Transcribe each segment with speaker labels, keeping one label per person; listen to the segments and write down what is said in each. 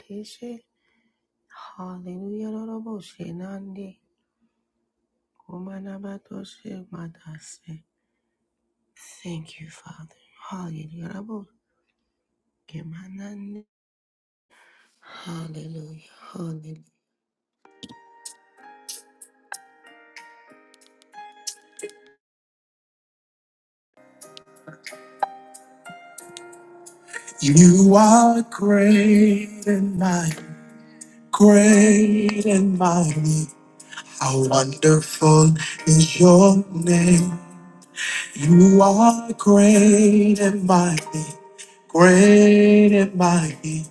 Speaker 1: Teshe hallelujah loroboshe nande kumanabatoshi madase. Thank you, Father. Hallelujah. lorobo- kemanande. Hallelujah. Hallelujah. You are great and mighty, great and mighty. How wonderful is your name. You are great and mighty, great and mighty.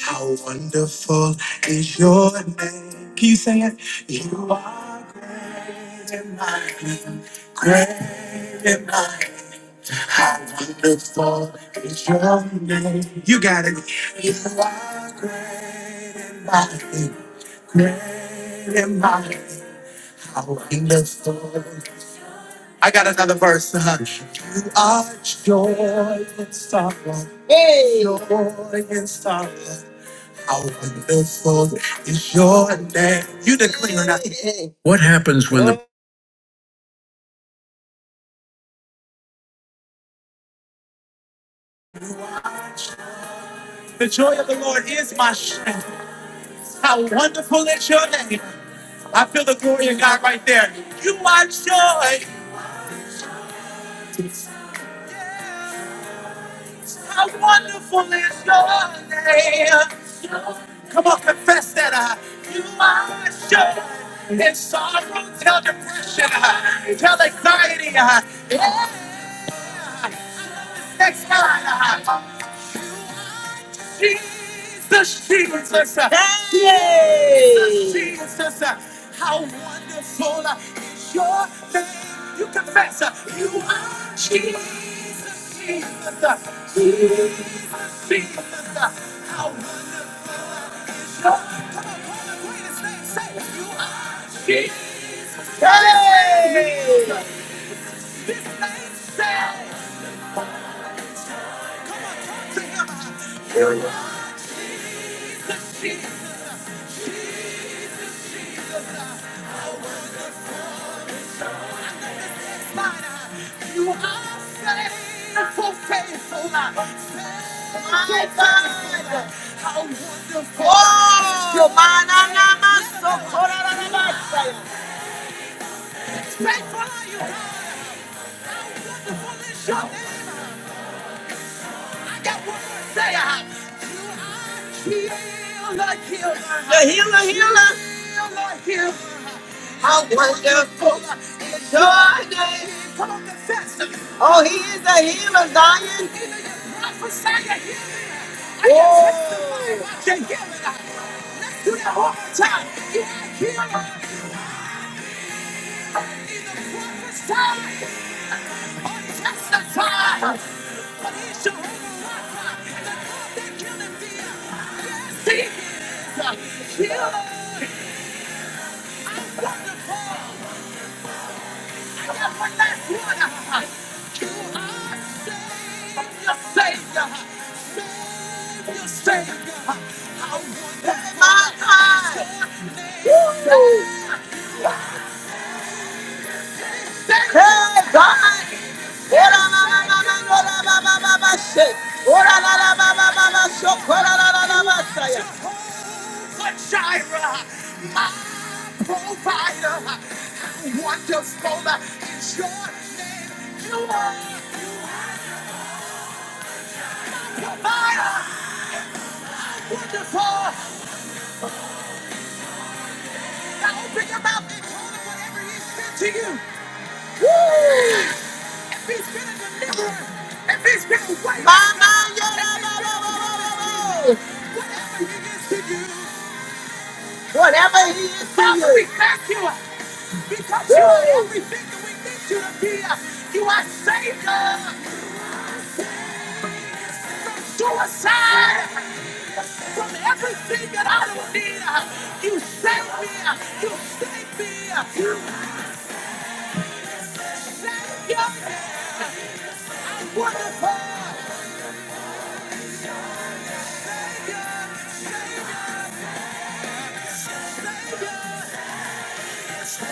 Speaker 1: How wonderful is your name? Can you say it? You are great and mighty, great and mighty. How wonderful is your name? You got it. You are great and mighty, great and mighty. How wonderful. I got another verse. Uh-huh. you are joy and sorrow. Hey. Joy and sorrow. How wonderful is your name. You declare that. Hey. That's when the The joy of the Lord is my strength. How wonderful is your name. I feel the glory of God right there. You are joy. How wonderful is your name? Come on, confess that uh, you are sure in sorrow, tell depression, uh, tell anxiety, uh, yeah, next time, uh, Jesus, Jesus, uh, Hey. Jesus, uh, how wonderful uh, is your name? You confess uh, you are Jesus, Jesus, uh, Jesus, Jesus, uh, how wonderful. Heal, Lord, heal. How wonderful is your name. Come on, confess. You're healing, you're prophesying, you're healing. I can testify about your healing. Do that one more time. You are healing. Either prophesy or testify. But he's your rock, the God that killeth thee. Yes, he is. Healer, I'm wonderful. Wonderful is your name. You are provider. Wonderful. Now open your mouth and call him whatever he's been to you. Woo! If he's been a deliverer, if he's been a way maker, whatever he is to you. Whatever he is to Father, you. we thank you because you are Woo! everything that we need you to be. You are savior, suicide. From everything that I don't need, you save me, you save me, you save me. Wonderful.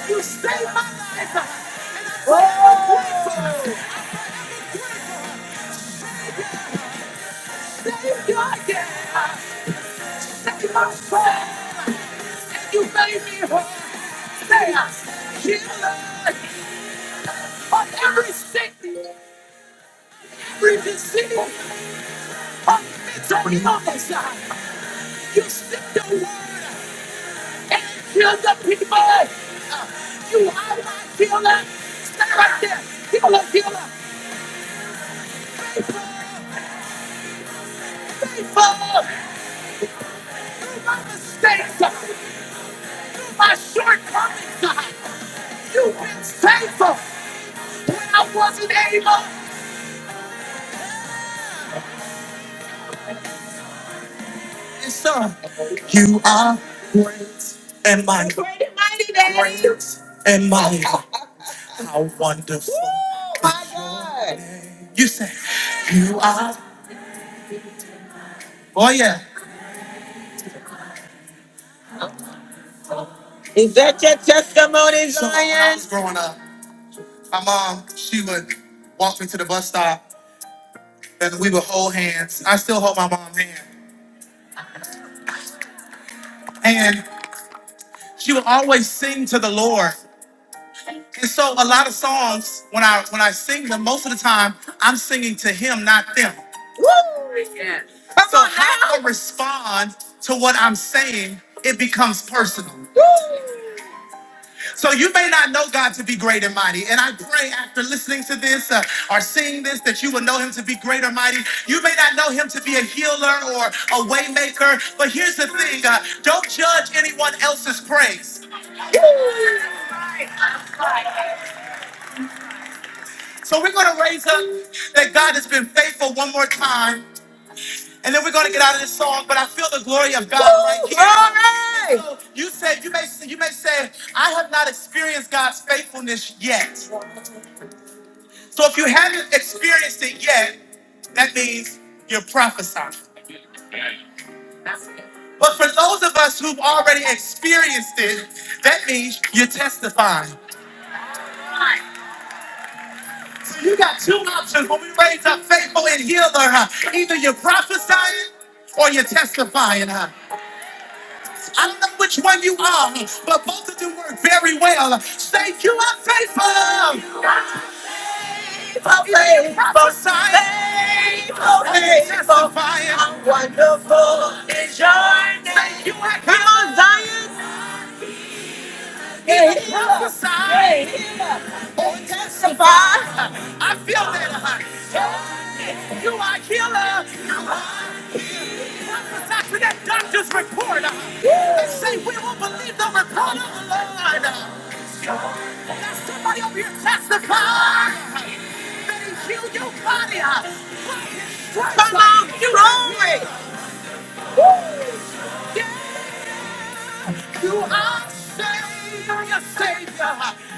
Speaker 1: You saved my life. Saved your day. Saved my soul. And you made me whole. Say, healer of every sickness, every disease, of mental illness. You sent the word and it killed the people. You are my healer. Stay right there. Healer, healer. Faithful, faithful. Through my mistakes. my shortcomings, God. You've been faithful when I wasn't able. Yes, sir. You are and my great and my God. how wonderful. Woo, my God. You say you are. Oh yeah. Is that your testimony, so Zion? So When I was growing up, my mom she would walk me to the bus stop, and we would hold hands. I still hold my mom's hand, and she would always sing to the Lord. And so a lot of songs, when I when I sing them, most of the time I'm singing to him, not them. Come So on how now. I respond to what I'm saying, it becomes personal. So you may not know God to be great and mighty, and I pray after listening to this uh, or seeing this that you will know Him to be great and mighty. You may not know Him to be a healer or a waymaker, but here's the thing: uh, don't judge anyone else's praise. So we're going to raise up that God has been faithful one more time. And then we're going to get out of this song, but I feel the glory of God right here. And so you said you may you may say I have not experienced God's faithfulness yet. So if you haven't experienced it yet, that means you're prophesying. But for those of us who've already experienced it, that means you're testifying. So you got two options when we raise up faithful and healer. huh? Either you're prophesying or you're testifying. huh? I don't know which one you are, but both of them work very well. Say you are faithful. Faithful, faithful, faithful, faithful. What is your name? Say you are God. Come on, Zion. Hey, prophesy. Hey, oh, testify. I feel that. Hey, You are healer. You are Prophesy to that doctor's report uh, say, We will believe the report of the Lord. Now, somebody over here testify that He healed your body. uh, Come on, uh, you hungry. Woo! Yeah, you are Savior,